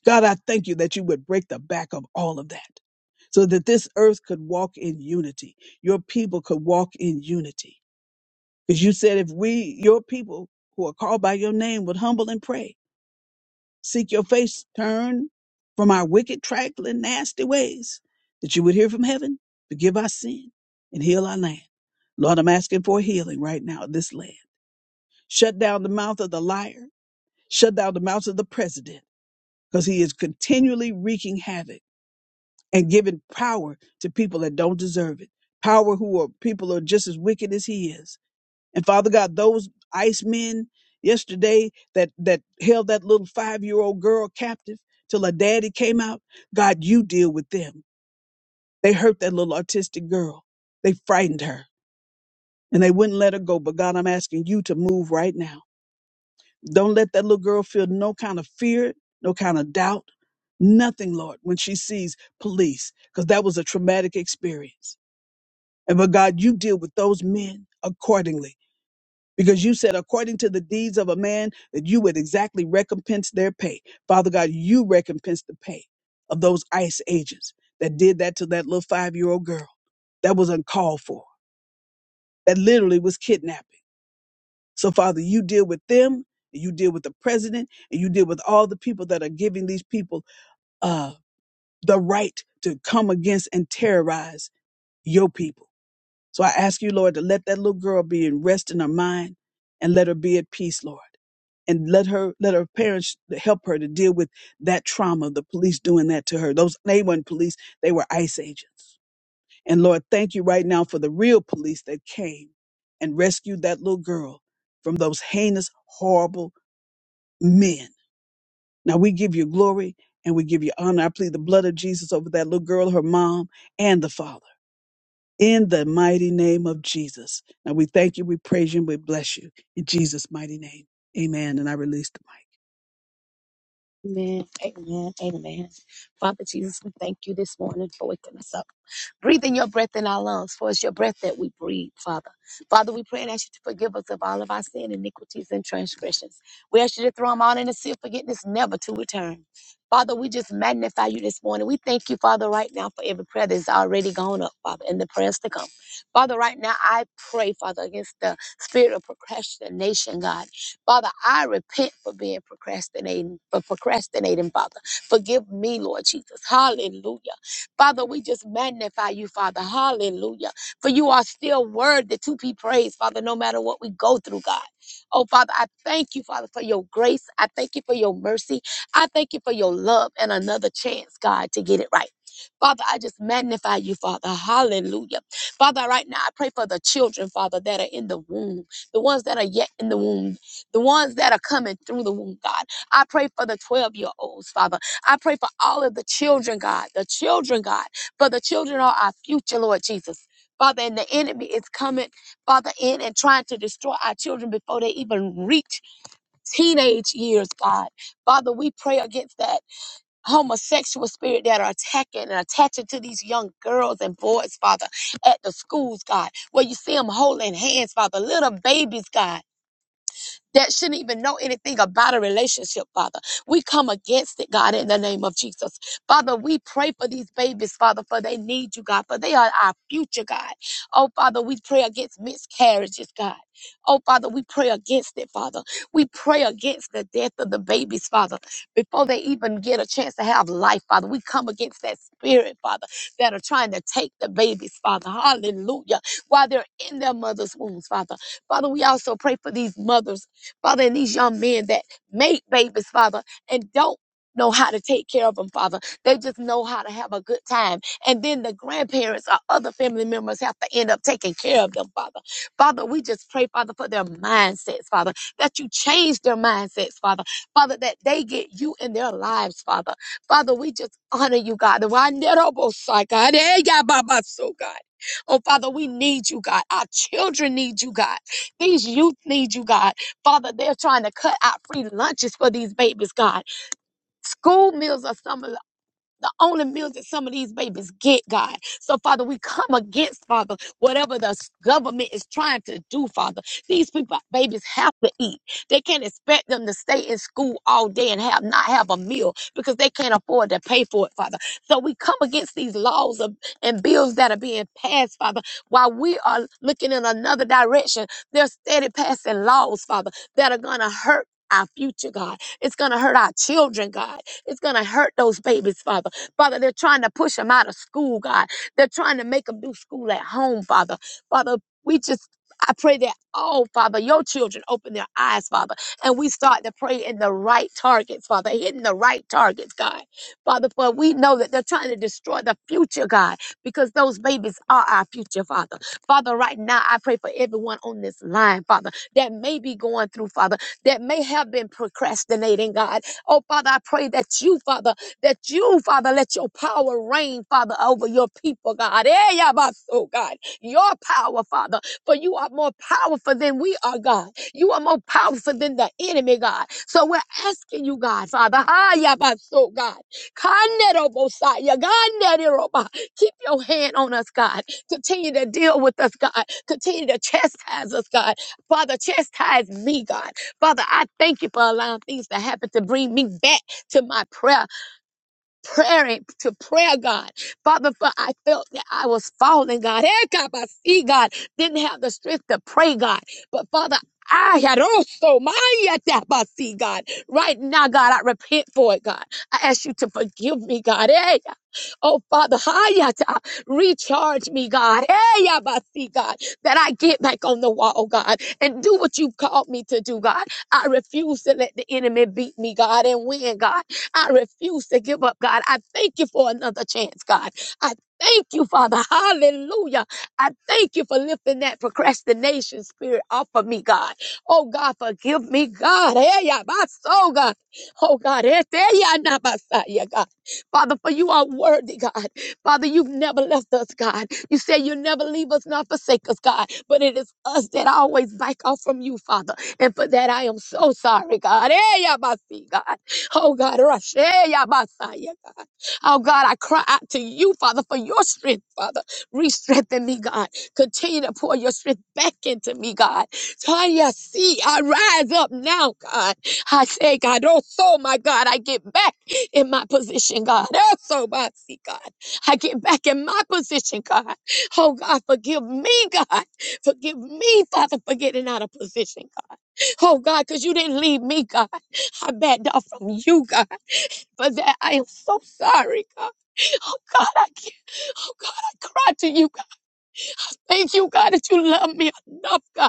Speaker 3: God, I thank you that you would break the back of all of that so that this earth could walk in unity. Your people could walk in unity Because you said, if we, your people who are called by your name, would humble and pray, seek your face, turn from our wicked, trifling, nasty ways, that you would hear from heaven, forgive our sin, and heal our land. Lord, I'm asking for healing right now in this land. Shut down the mouth of the liar, shut down the mouth of the president, because he is continually wreaking havoc and giving power to people that don't deserve it. Power who are people who are just as wicked as he is And Father God, those ice men yesterday that that held that little five-year-old girl captive till her daddy came out, God, you deal with them. They hurt that little autistic girl. They frightened her and they wouldn't let her go. But God, I'm asking you to move right now. Don't let that little girl feel no kind of fear, no kind of doubt, nothing, Lord, when she sees police, because that was a traumatic experience. And but God, you deal with those men accordingly because you said according to the deeds of a man that you would exactly recompense their pay father god you recompense the pay of those ice agents that did that to that little five-year-old girl that was uncalled for that literally was kidnapping so father you deal with them and you deal with the president and you deal with all the people that are giving these people uh, the right to come against and terrorize your people So I ask you, Lord, to let that little girl be in rest in her mind and let her be at peace, Lord. And let her let her parents help her to deal with that trauma, the police doing that to her. Those they weren't police, they were ICE agents. And Lord, thank you right now for the real police that came and rescued that little girl from those heinous, horrible men. Now we give you glory and we give you honor. I plead the blood of Jesus over that little girl, her mom, and the father in the mighty name of Jesus. And we thank you, we praise you, and we bless you in Jesus' mighty name. Amen. And I release the mic.
Speaker 5: Amen. Amen. Amen. Father Jesus, we thank you this morning for waking us up. Breathing your breath in our lungs, for it's your breath that we breathe, Father. Father, we pray and ask you to forgive us of all of our sin, iniquities, and transgressions. We ask you to throw them all in the sea of forgiveness, never to return. Father, we just magnify you this morning. We thank you, Father, right now for every prayer that's already gone up, Father, and the prayers to come. Father, right now, I pray, Father, against the spirit of procrastination, God. Father, I repent for being procrastinating, for procrastinating, Father. Forgive me, Lord Jesus. Hallelujah. Father, we just magnify you, Father. Hallelujah. For you are still worthy to be praised, Father, no matter what we go through, God. Oh, Father, I thank you, Father, for your grace. I thank you for your mercy. I thank you for your love and another chance, God, to get it right. Father, I just magnify you, Father. Hallelujah. Father, right now I pray for the children, Father, that are in the womb, the ones that are yet in the womb the ones that are coming through the womb, God. I pray for the 12 year olds, Father. I pray for all of the children, God, the children, God, for the children are our future, Lord Jesus. Father, and the enemy is coming, Father, in and trying to destroy our children before they even reach teenage years, God. Father, we pray against that homosexual spirit that are attacking and attaching to these young girls and boys, Father, at the schools, God, where you see them holding hands, Father, little babies, God that shouldn't even know anything about a relationship, Father. We come against it, God, in the name of Jesus. Father, we pray for these babies, Father, for they need you, God, for they are our future, God. Oh, Father, we pray against miscarriages, God. Oh, Father, we pray against it, Father. We pray against the death of the babies, Father, before they even get a chance to have life, Father. We come against that spirit, Father, that are trying to take the babies, Father. Hallelujah. While they're in their mother's wombs, Father. Father, we also pray for these mothers. Father, and these young men that make babies, Father, and don't know how to take care of them, Father. They just know how to have a good time. And then the grandparents or other family members have to end up taking care of them, Father. Father, we just pray, Father, for their mindsets, Father, that you change their mindsets, Father. Father, that they get you in their lives, Father. Father, we just honor you, God. Wanderobosai, God. Eh, yeah, Baba, so God. Oh, Father, we need you, God. Our children need you, God. These youth need you, God. Father, they're trying to cut out free lunches for these babies, God. School meals are some of the the only meals that some of these babies get, God. So, Father, we come against, Father, whatever the s- government is trying to do, Father. These people, babies have to eat. They can't expect them to stay in school all day and have not have a meal because they can't afford to pay for it, Father. So we come against these laws of, and bills that are being passed, Father, while we are looking in another direction. They're steady passing laws, Father, that are going to hurt our future, God. It's going to hurt our children, God. It's going to hurt those babies, Father. Father, they're trying to push them out of school, God. They're trying to make them do school at home, Father. Father, we just I pray that oh, Father, your children open their eyes, Father, and we start to pray in the right targets, Father, hitting the right targets, God. Father, for we know that they're trying to destroy the future, God, because those babies are our future, Father. Father, right now, I pray for everyone on this line, Father, that may be going through, Father, that may have been procrastinating, God. Oh, Father, I pray that you, Father, that you, Father, let your power reign, Father, over your people, God. Eh, yabaso, God. Your power, Father, for you are more powerful than we are, God. You are more powerful than the enemy, God. So we're asking you, God, Father, ah, yabaso, God. Kanerobosaya, ganeroba. Keep your hand on us, God. Continue to deal with us, God. Continue to chastise us, God. Father, chastise me, God. Father, I thank you for allowing things to happen to bring me back to my prayer prayer to prayer, God. Father, for I felt that I was falling, God. Hey, God, I see, God, didn't have the strength to pray, God. But Father, I had also my yatabasi, God. Right now, God, I repent for it, God. I ask you to forgive me, God. Hey, oh Father, hayata, recharge me, God. Hey, yabasi, God, that I get back on the wall, God, and do what you've called me to do, God. I refuse to let the enemy beat me, God, and win, God. I refuse to give up, God. I thank you for another chance, God. I thank you, Father. Hallelujah. I thank you for lifting that procrastination spirit off of me, God. Oh, God, forgive me, God. Hey, yeah, my soul, God. Oh, God. eh, there, yeah, nah, my side, yeah, God. Father, for you are worthy, God. Father, you've never left us, God. You say you'll never leave us nor forsake us, God. But it is us that always back off from you, Father. And for that, I am so sorry, God. Hey, yeah, my feet, God. Oh God, Rasheya Basaya, God. Oh God, I cry out to you, Father, for your strength, Father. Re-strengthen me, God. Continue to pour your strength back into me, God. Tanya, see, I rise up now, God. I say, God, oh so my God, I get back in my position, God. Oh so my see, God. I get back in my position, God. Oh God, forgive me, God. Forgive me, Father, for getting out of position, God. Oh God, because you didn't leave me, God. I backed off from you, God. For that, I am so sorry, God. Oh God, I can't. Oh God, I cry to you, God. Thank you, God, that you love me enough, God.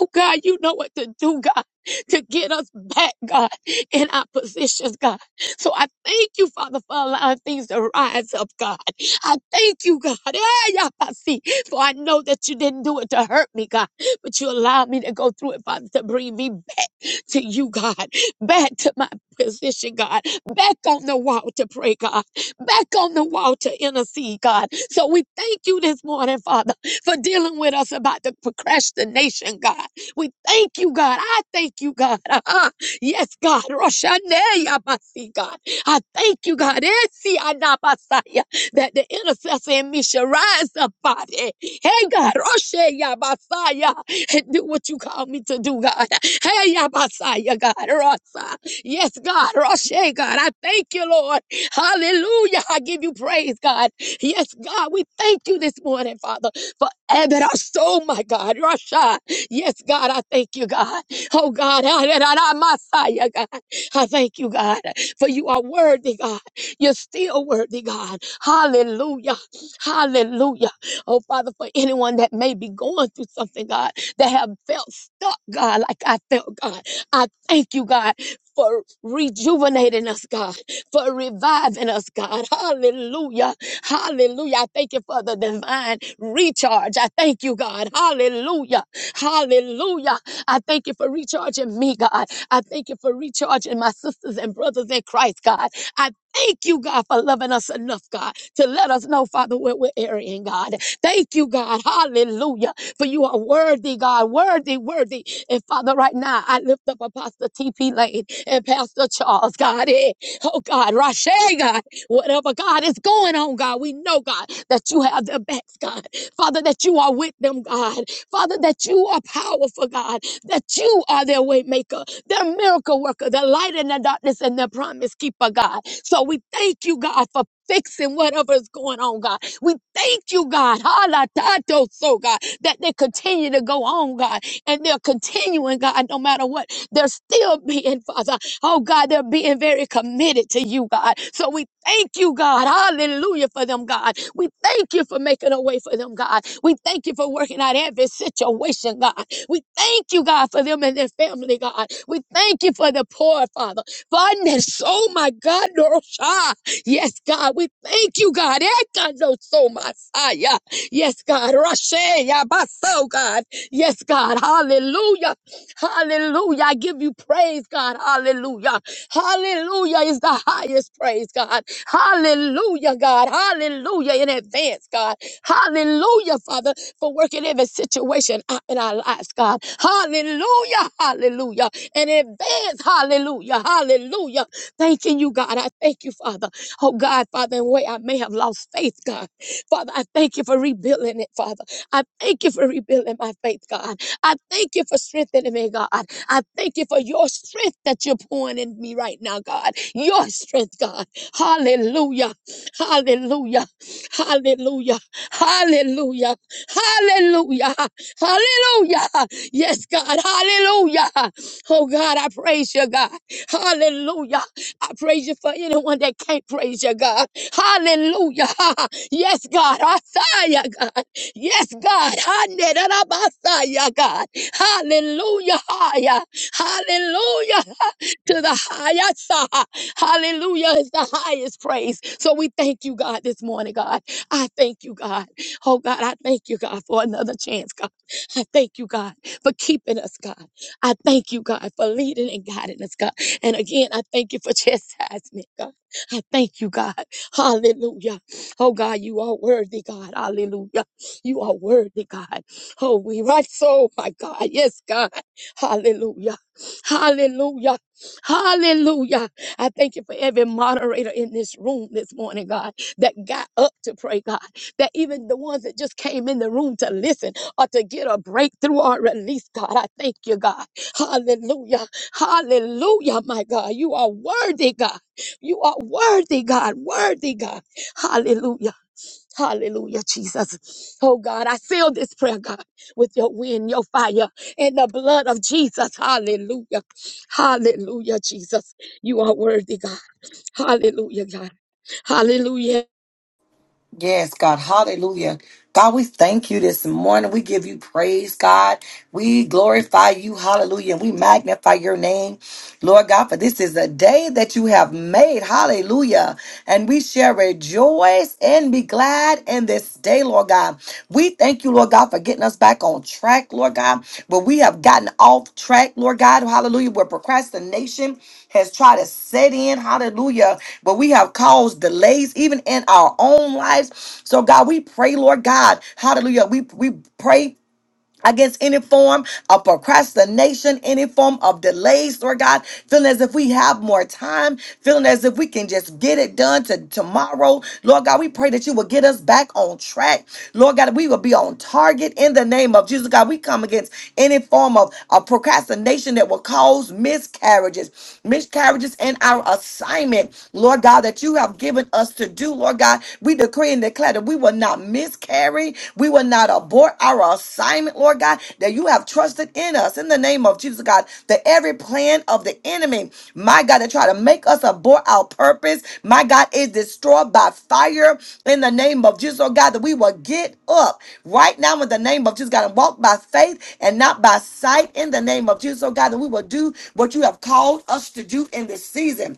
Speaker 5: Oh God, you know what to do, God, to get us back, God, in our positions, God. So I thank you, Father, for allowing things to rise up, God. I thank you, God. Eh, Yapasi, For I know that you didn't do it to hurt me, God, but you allowed me to go through it, Father, to bring me back to you, God, back to my position, God, back on the wall to pray, God, back on the wall to intercede, God. So we thank you this morning, Father, for dealing with us about the procrastination, God. We thank you, God. I thank you, God. (laughs) Uh-huh. yes, God. Roshaneya Basi, God. I thank you, God. Esi anabasaya, That the intercessor in me shall rise up, God. Eh, Hey, God. Rosheya Basaya, And do what you call me to do, God. Hey, Yabasaya, God. Rosa. Yes, God. Roshe, God. I thank you, Lord. Hallelujah. I give you praise, God. Yes, God. We thank you this morning, Father, for Abed, our soul, my God. Rasha. Yes, God, I thank you, God. Oh, God, ah, da, da, da, Messiah, God. I thank you, God, for you are worthy, God. You're still worthy, God. Hallelujah. Hallelujah. Oh, Father, for anyone that may be going through something, God, that have felt stuck, God, like I felt, God, I thank you, God. For rejuvenating us, God, for reviving us, God. Hallelujah. Hallelujah. I thank you for the divine recharge. I thank you, God. Hallelujah. Hallelujah. I thank you for recharging me, God. I thank you for recharging my sisters and brothers in Christ, God. I thank you, God, for loving us enough, God, to let us know, Father, where we're erring, God. Thank you, God. Hallelujah. For you are worthy, God. Worthy, worthy. And Father, right now, I lift up Apostle T.P. Lane and Pastor Charles, God. Eh, Oh, God. Rashe, God. Whatever, God, is going on, God. We know, God, that you have their backs, God. Father, that you are with them, God. Father, that you are powerful, God, that you are their way maker, their miracle worker, their light in the darkness, and their promise keeper, God. So we thank you, God, for fixing whatever's going on, God. We thank you, God, hala tato so, God, that they continue to go on, God, and they're continuing, God, no matter what. They're still being, Father. Oh God, they're being very committed to you, God. So we thank you, God. Hallelujah for them, God. We thank you for making a way for them, God. We thank you for working out every situation, God. We thank you, God, for them and their family, God. We thank you for the poor, Father. Fondness. Oh my God, Norosha. Yes, God. We thank you, God. Ekando so masaya, Yes, God. Rashe Yabaso, God. Yes, God. Hallelujah. Hallelujah. I give you praise, God. Hallelujah. Hallelujah is the highest praise, God. Hallelujah, God. Hallelujah in advance, God. Hallelujah, Father, for working every situation out in our lives, God. Hallelujah. Hallelujah. In advance, hallelujah. Hallelujah. Thanking you, God. I thank you, Father. Oh, God, Father, in a way I may have lost faith, God. Father, I thank you for rebuilding it, Father. I thank you for rebuilding my faith, God. I thank you for strengthening me, God. I thank you for your strength that you're pouring in me right now, God. Your strength, God. Hallelujah. Hallelujah. Hallelujah. Hallelujah. Hallelujah. Hallelujah. Yes, God. Hallelujah. Oh, God, I praise you, God. Hallelujah. I praise you for anyone that can't praise you, God. Hallelujah. (laughs) Yes, God. I saw you, God. Yes, God. Hanerabasaya, God. Hallelujah. higher. Hallelujah. (laughs) To the highest. ah, Hallelujah is the highest praise. So we thank you, God, this morning, God. I thank you, God. Oh, God, I thank you, God, for another chance, God. I thank you, God, for keeping us, God. I thank you, God, for leading and guiding us, God. And again, I thank you for (laughs) chastisement, God. I thank you, God. Hallelujah. Oh, God, you are worthy, God. Hallelujah. You are worthy, God. Oh, we right so, my God. Yes, God. Hallelujah. Hallelujah. Hallelujah. I thank you for every moderator in this room this morning, God, that got up to pray, God, that even the ones that just came in the room to listen or to get a breakthrough or release, God. I thank you, God. Hallelujah. Hallelujah, my God. You are worthy, God. You are worthy, God. Worthy, God. Hallelujah. Hallelujah, Jesus. Oh God, I seal this prayer, God, with your wind, your fire, and the blood of Jesus. Hallelujah. Hallelujah, Jesus. You are worthy, God. Hallelujah, God. Hallelujah.
Speaker 1: Yes, God. Hallelujah. God, we thank you this morning. We give you praise, God. We glorify you. Hallelujah. And we magnify your name. Lord God, for this is a day that you have made. Hallelujah. And we shall rejoice and be glad in this day, Lord God. We thank you, Lord God, for getting us back on track, Lord God. But we have gotten off track, Lord God. Hallelujah. Where procrastination has tried to set in. Hallelujah. But we have caused delays even in our own lives. So, God, we pray, Lord God. Hallelujah. We, we pray against any form of procrastination, any form of delays, Lord God, feeling as if we have more time, feeling as if we can just get it done to tomorrow. Lord God, we pray that you will get us back on track. Lord God, we will be on target in the name of Jesus. God, we come against any form of, of procrastination that will cause miscarriages, miscarriages in our assignment, Lord God, that you have given us to do, Lord God. We decree and and declare that we will not miscarry, we will not abort our assignment, Lord God, that you have trusted in us in the name of Jesus, God, that every plan of the enemy, my God, to try to make us abort our purpose, my God, is destroyed by fire in the name of Jesus, oh God, that we will get up right now in the name of Jesus, God, and walk by faith and not by sight in the name of Jesus, oh God, that we will do what you have called us to do in this season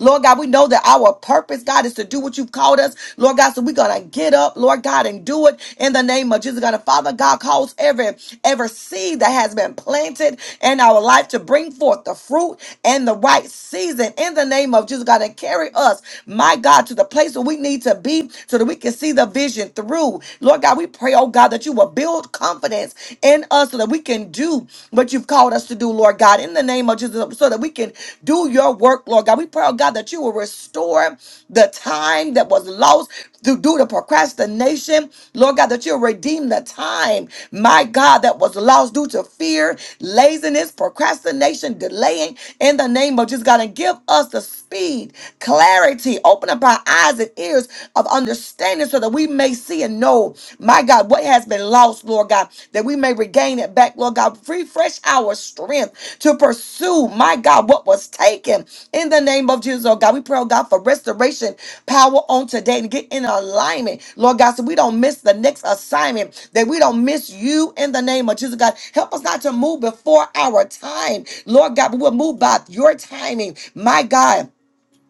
Speaker 1: Lord God, we know that our purpose, God, is to do what you've called us. Lord God, so we're gonna get up, Lord God, and do it in the name of Jesus. God, and Father God calls every every seed that has been planted in our life to bring forth the fruit and the right season in the name of Jesus. God, and carry us, my God, to the place where we need to be so that we can see the vision through. Lord God, we pray, oh God, that you will build confidence in us so that we can do what you've called us to do, Lord God, in the name of Jesus, so that we can do your work, Lord God. We pray, oh God, that you will restore the time that was lost through due to procrastination, Lord God, that you'll redeem the time, my God, that was lost due to fear, laziness, procrastination, delaying in the name of Jesus, God, and give us the speed, clarity, open up our eyes and ears of understanding so that we may see and know, my God, what has been lost, Lord God, that we may regain it back, Lord God. Refresh our strength to pursue, my God, what was taken in the name of Jesus, oh God. We pray, oh God, for restoration power on today and get in alignment, Lord God, so we don't miss the next assignment, that we don't miss you in the name of Jesus, God. Help us not to move before our time, Lord God, but we'll move by your timing, my God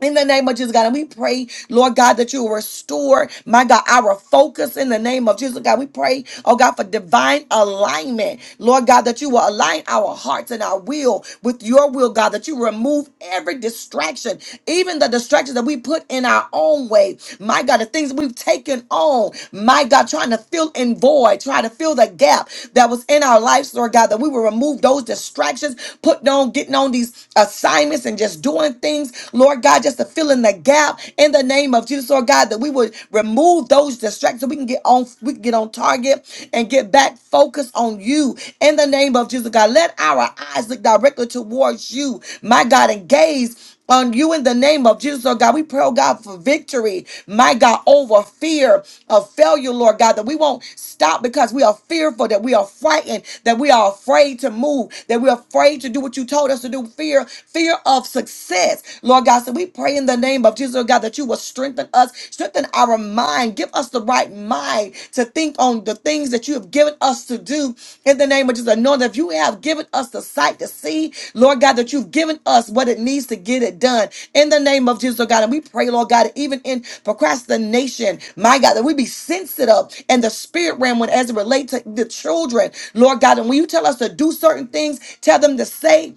Speaker 1: in the name of Jesus, God, and we pray, Lord God, that you will restore, my God, our focus in the name of Jesus, God. We pray, oh God, for divine alignment, Lord God, that you will align our hearts and our will with your will, God, that you remove every distraction, even the distractions that we put in our own way, my God, the things we've taken on, my God, trying to fill in void, trying to fill the gap that was in our lives, Lord God, that we will remove those distractions, put on, getting on these assignments and just doing calling things, Lord God, just to fill in the gap in the name of Jesus, Lord God, that we would remove those distractions so we can get on, we can get on target and get back focused on you in the name of Jesus, God. Let our eyes look directly towards you, my God, and gaze on you in the name of Jesus, Lord God. We pray, oh God, for victory, my God, over fear of failure, Lord God, that we won't stop because we are fearful, that we are frightened, that we are afraid to move, that we're afraid to do what you told us to do. Fear, fear of success, Lord God. So we pray in the name of Jesus, Lord God, that you will strengthen us, strengthen our mind, give us the right mind to think on the things that you have given us to do in the name of Jesus. Knowing that if you have given us the sight to see, Lord God, that you've given us what it needs to get it done in the name of Jesus, Lord God. And we pray, Lord God, that even in procrastination, my God, that we be sensitive in the spirit realm when as it relates to the children, Lord God. And when you tell us to do certain things, tell them to say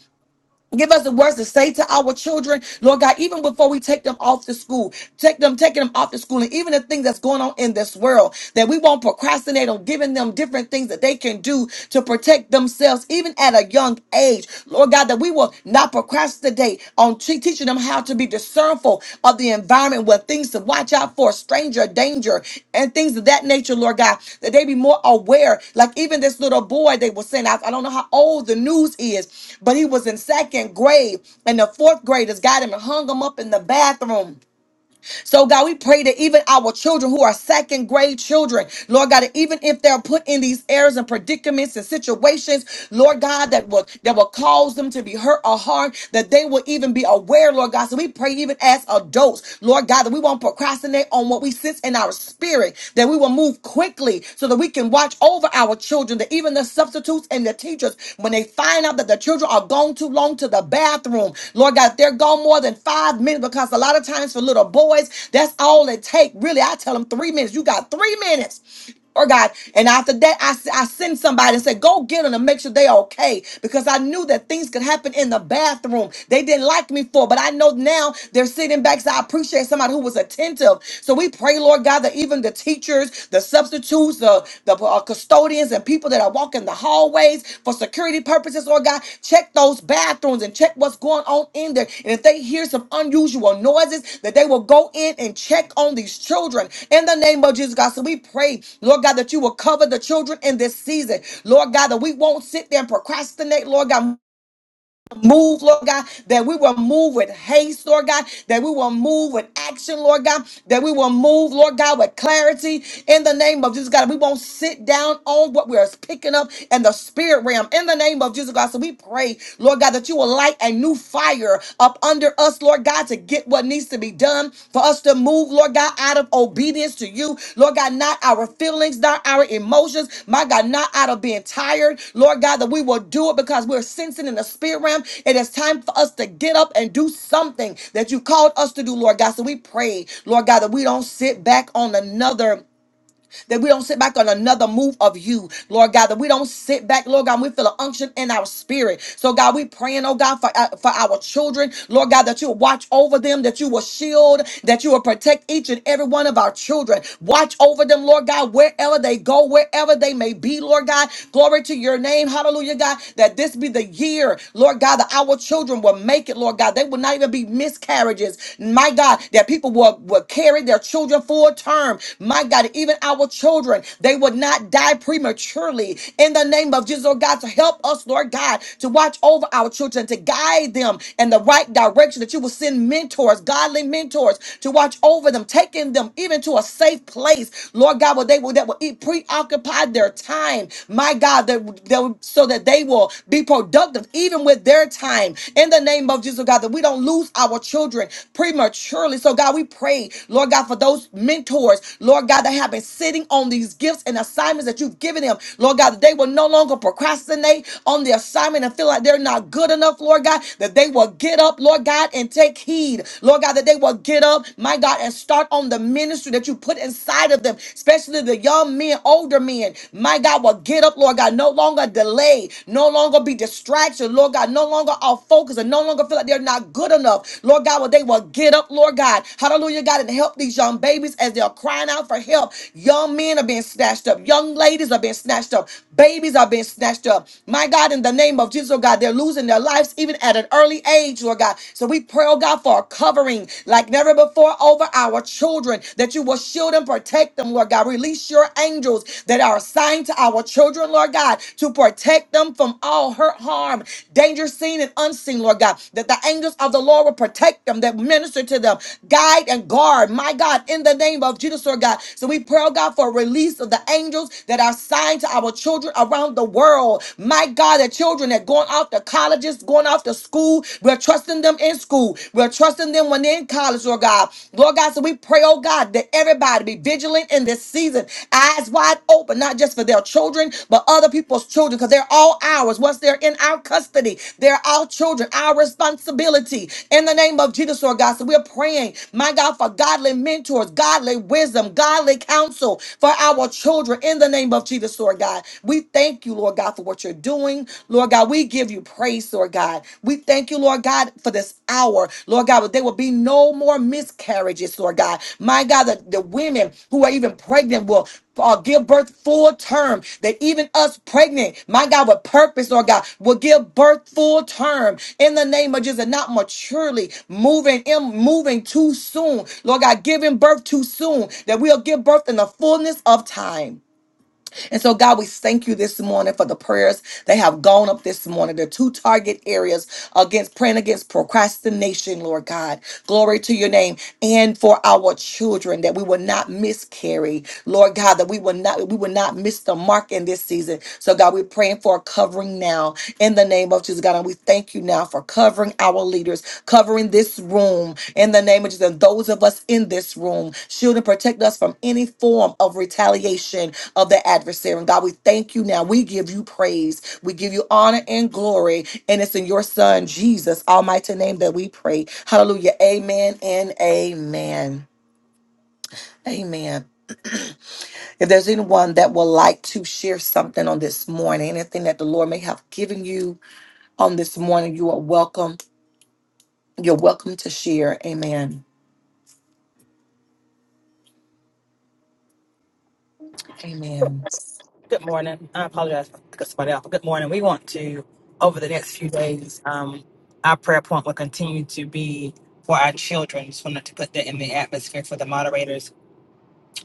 Speaker 1: Give us the words to say to our children, Lord God, even before we take them off to school, take them, taking them off to school, and even the things that's going on in this world, that we won't procrastinate on giving them different things that they can do to protect themselves, even at a young age. Lord God, that we will not procrastinate on te- teaching teaching them how to be discernful of the environment, where things to watch out for, stranger danger, and things of that nature, Lord God, that they be more aware. Like even this little boy they were saying, I, I don't know how old the news is, but he was in second grade, and the fourth graders got him and hung him up in the bathroom so, God, we pray that even our children who are second grade children, Lord God, that even if they're put in these errors and predicaments and situations, Lord God, that will that will cause them to be hurt or harmed, that they will even be aware, Lord God. So we pray even as adults, Lord God, that we won't procrastinate on what we sense in our spirit, that we will move quickly so that we can watch over our children, that even the substitutes and the teachers when they find out that the children are gone too long to the bathroom, Lord God, if they're gone more than five minutes, because a lot of times for little boys, that's all it take. Really, I tell them three minutes. You got three minutes or God. And after that, I, s- I send somebody and say, go get them and make sure they're okay. Because I knew that things could happen in the bathroom. They didn't like me for, but I know now they're sitting back. So I appreciate somebody who was attentive. So we pray, Lord God, that even the teachers, the substitutes, the, the uh, custodians, and people that are walking the hallways for security purposes, Lord God, check those bathrooms and check what's going on in there. And if they hear some unusual noises, that they will go in and check on these children in the name of Jesus, God. So we pray, Lord God, that you will cover the children in this season, Lord God, that we won't sit there and procrastinate, Lord God. Move, Lord God, that we will move with haste, Lord God, that we will move with action, Lord God, that we will move, Lord God, with clarity in the name of Jesus, God. We won't sit down on what we're picking up in the spirit realm in the name of Jesus, God. So we pray, Lord God, that you will light a new fire up under us, Lord God, to get what needs to be done for us to move, Lord God, out of obedience to you. Lord God, not our feelings, not our emotions. My God, not out of being tired. Lord God, that we will do it because we're sensing in the spirit realm. It is time for us to get up and do something that you called us to do, Lord God. So we pray, Lord God, that we don't sit back on another that we don't sit back on another move of you, Lord God, that we don't sit back, Lord God, and we feel an unction in our spirit. So, God, we praying, oh God, for, uh, for our children, Lord God, that you will watch over them, that you will shield, that you will protect each and every one of our children. Watch over them, Lord God, wherever they go, wherever they may be, Lord God. Glory to your name. Hallelujah, God, that this be the year, Lord God, that our children will make it, Lord God. They will not even be miscarriages. My God, God, that people will, will carry their children full term. My God, even our children, they would not die prematurely. In the name of Jesus, Lord God, to help us, Lord God, to watch over our children, to guide them in the right direction, that you will send mentors, godly mentors, to watch over them, taking them even to a safe place, Lord God, where they will, that will eat, preoccupy their time. My God, that, that, so that they will be productive, even with their time time in the name of Jesus, oh God, that we don't lose our children prematurely. So, God, we pray, Lord God, for those mentors, Lord God, that have been sitting on these gifts and assignments that you've given them, Lord God, that they will no longer procrastinate on the assignment and feel like they're not good enough, Lord God, that they will get up, Lord God, and take heed, Lord God, that they will get up, my God, and start on the ministry that you put inside of them, especially the young men, older men, my God, will get get up, Lord God, no longer delay, no longer be distraction, Lord God, no longer off focus and no longer feel like they're not good enough. Lord God, well, they will get up, Lord God. Hallelujah, God, and help these young babies as they're crying out for help. Young men are being snatched up, young ladies are being snatched up, babies are being snatched up. My God, in the name of Jesus, oh God, they're losing their lives even at an early age, Lord God. So we pray, oh God, for a covering like never before over our children that you will shield and protect them, Lord God. Release your angels that are assigned to our children, Lord God, to protect them from all hurt, harm, danger seen and unseen, Lord God. That the angels of the Lord will protect them, that minister to them, guide and guard, my God, in the name of Jesus, Lord God. So we pray, oh God, for a release of the angels that are assigned to our children around the world. My God, the children that going off to colleges, going off to school, we're trusting them in school. We're trusting them when they're in college, Lord God. Lord God, so we pray, oh God, that everybody be vigilant in this season, eyes wide open, not just for their children, but other people's children, because they're all ours. Once they're in our custody, they're our children, our responsibility. In the name of Jesus, Lord God, so we're praying, my God, for godly mentors, godly wisdom, godly counsel for our children. In the name of Jesus, Lord God, we thank you, Lord God, for what you're doing, Lord. Lord God, we give you praise, Lord God. We thank you, Lord God, for this hour. Lord God, but there will be no more miscarriages, Lord God. My God, the, the women who are even pregnant will uh, give birth full term. That even us pregnant, my God, with purpose, Lord God, will give birth full term in the name of Jesus, and not maturely moving in, moving too soon. Lord God, giving birth too soon, that we'll give birth in the fullness of time. And so, God, we thank you this morning for the prayers that have gone up this morning. The two target areas against praying against procrastination, Lord God. Glory to your name. And for our children, that we will not miscarry, Lord God, that we will not we will not miss the mark in this season. So, God, we're praying for a covering now in the name of Jesus, God. And we thank you you now for covering our leaders, covering this room in the name of Jesus, and those of us in this room. Shield and protect us from any form of retaliation of the adversary. And God, we thank you now. We give you praise. We give you honor and glory. And it's in your son, Jesus' almighty name that we pray. Hallelujah. Amen and amen. Amen. If there's anyone that would like to share something on this morning, anything that the Lord may have given you on this morning, you are welcome You're welcome to share. Amen. Amen.
Speaker 4: Good morning. I apologize for cutting somebody off. Good morning. We want to, over the next few days, um, our prayer point will continue to be for our children. Just wanted to put that in the atmosphere for the moderators.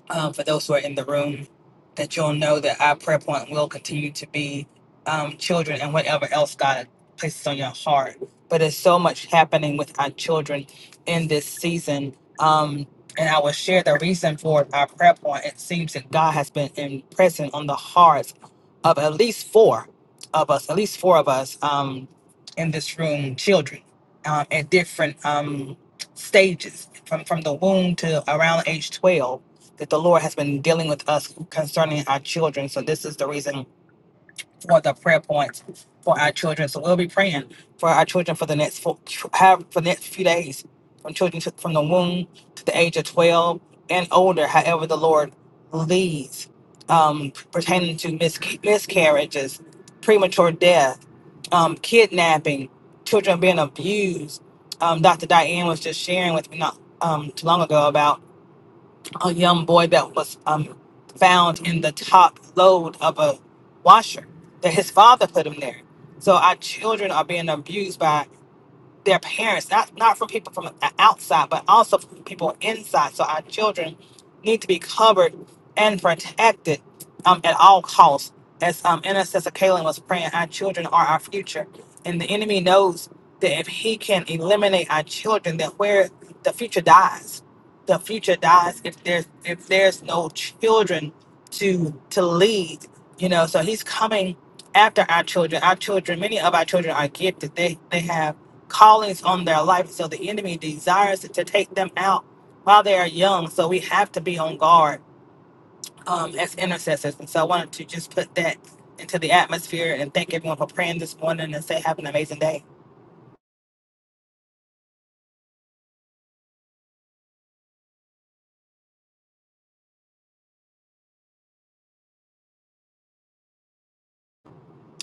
Speaker 4: um, for those who are in the room, that you'll know that our prayer point will continue to be um, children and whatever else God places on your heart. But there's so much happening with our children in this season. Um, and I will share the reason for our prayer point. It seems that God has been in present on the hearts of at least four of us, at least four of us um, in this room, children um, at different um, stages from, from the womb to around age 12 that the Lord has been dealing with us concerning our children. So this is the reason for the prayer points for our children. So we'll be praying for our children for the next four, have for the next few days, from children to, from the womb to the age of twelve and older, however the Lord leads, um, pertaining to misca- miscarriages, premature death, um, kidnapping, children being abused. Um, Dr. Diane was just sharing with me not um, too long ago about a young boy that was um, found in the top load of a washer that his father put him there. So our children are being abused by their parents, not not from people from the outside, but also from people inside. So our children need to be covered and protected um, at all costs. As um, Intercessor Kaylin was praying, our children are our future, and the enemy knows that if he can eliminate our children, that where the future dies, the future dies if there's if there's no children to to lead. You know, so he's coming after our children. Our children, many of our children are gifted. They they have callings on their life. So the enemy desires to take them out while they are young. So we have to be on guard um, as intercessors. And so I wanted to just put that into the atmosphere and thank everyone for praying this morning and say have an amazing day.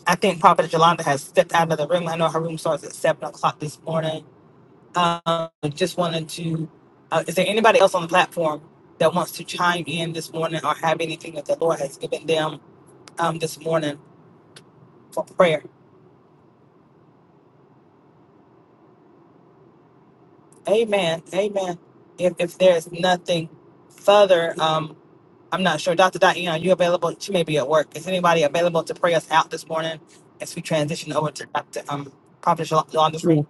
Speaker 4: I think Prophet Jolanda has stepped out of the room. I know her room starts at seven o'clock this morning. Um, I just wanted to. Uh, is there anybody else on the platform that wants to chime in this morning or have anything that the Lord has given them um, this morning for prayer? Amen. Amen. If, if there's nothing further, um, I'm not sure. Dr. Diane, are you available? She may be at work. Is anybody available to pray us out this morning as we transition over to Dr. Um, Prophet Yol- Yolanda's
Speaker 6: Yeah.
Speaker 4: room?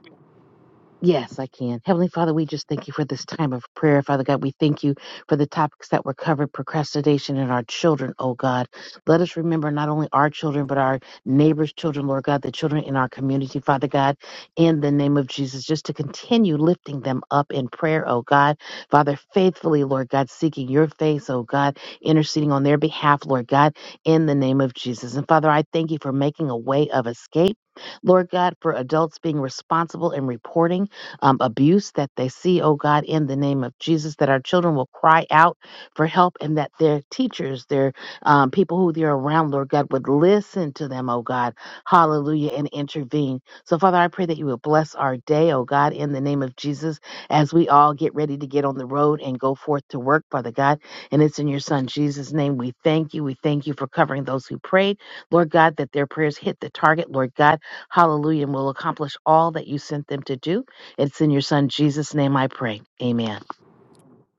Speaker 6: Yes, I can. Heavenly Father, we just thank you for this time of prayer. Father God, we thank you for the topics that were covered procrastination and our children, oh God. Let us remember not only our children, but our neighbors' children, Lord God, the children in our community, Father God, in the name of Jesus, just to continue lifting them up in prayer, oh God. Father, faithfully, Lord God, seeking your face, oh God, interceding on their behalf, Lord God, in the name of Jesus. And Father, I thank you for making a way of escape, Lord God, for adults being responsible and reporting um, abuse that they see, oh God, in the name of Jesus, that our children will cry out for help and that their teachers, their um, people who they're around, Lord God, would listen to them, oh God, hallelujah, and intervene. So, Father, I pray that you would bless our day, oh God, in the name of Jesus, as we all get ready to get on the road and go forth to work, Father God. And it's in your Son, Jesus' name, we thank you. We thank you for covering those who prayed, Lord God, that their prayers hit the target, Lord God, hallelujah, and will accomplish all that you sent them to do. It's in your son Jesus' name I pray. Amen.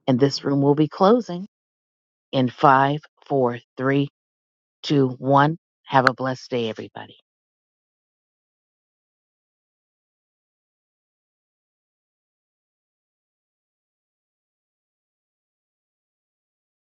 Speaker 6: And this room will be closing in five, four, three, two, one. Have a blessed day, everybody.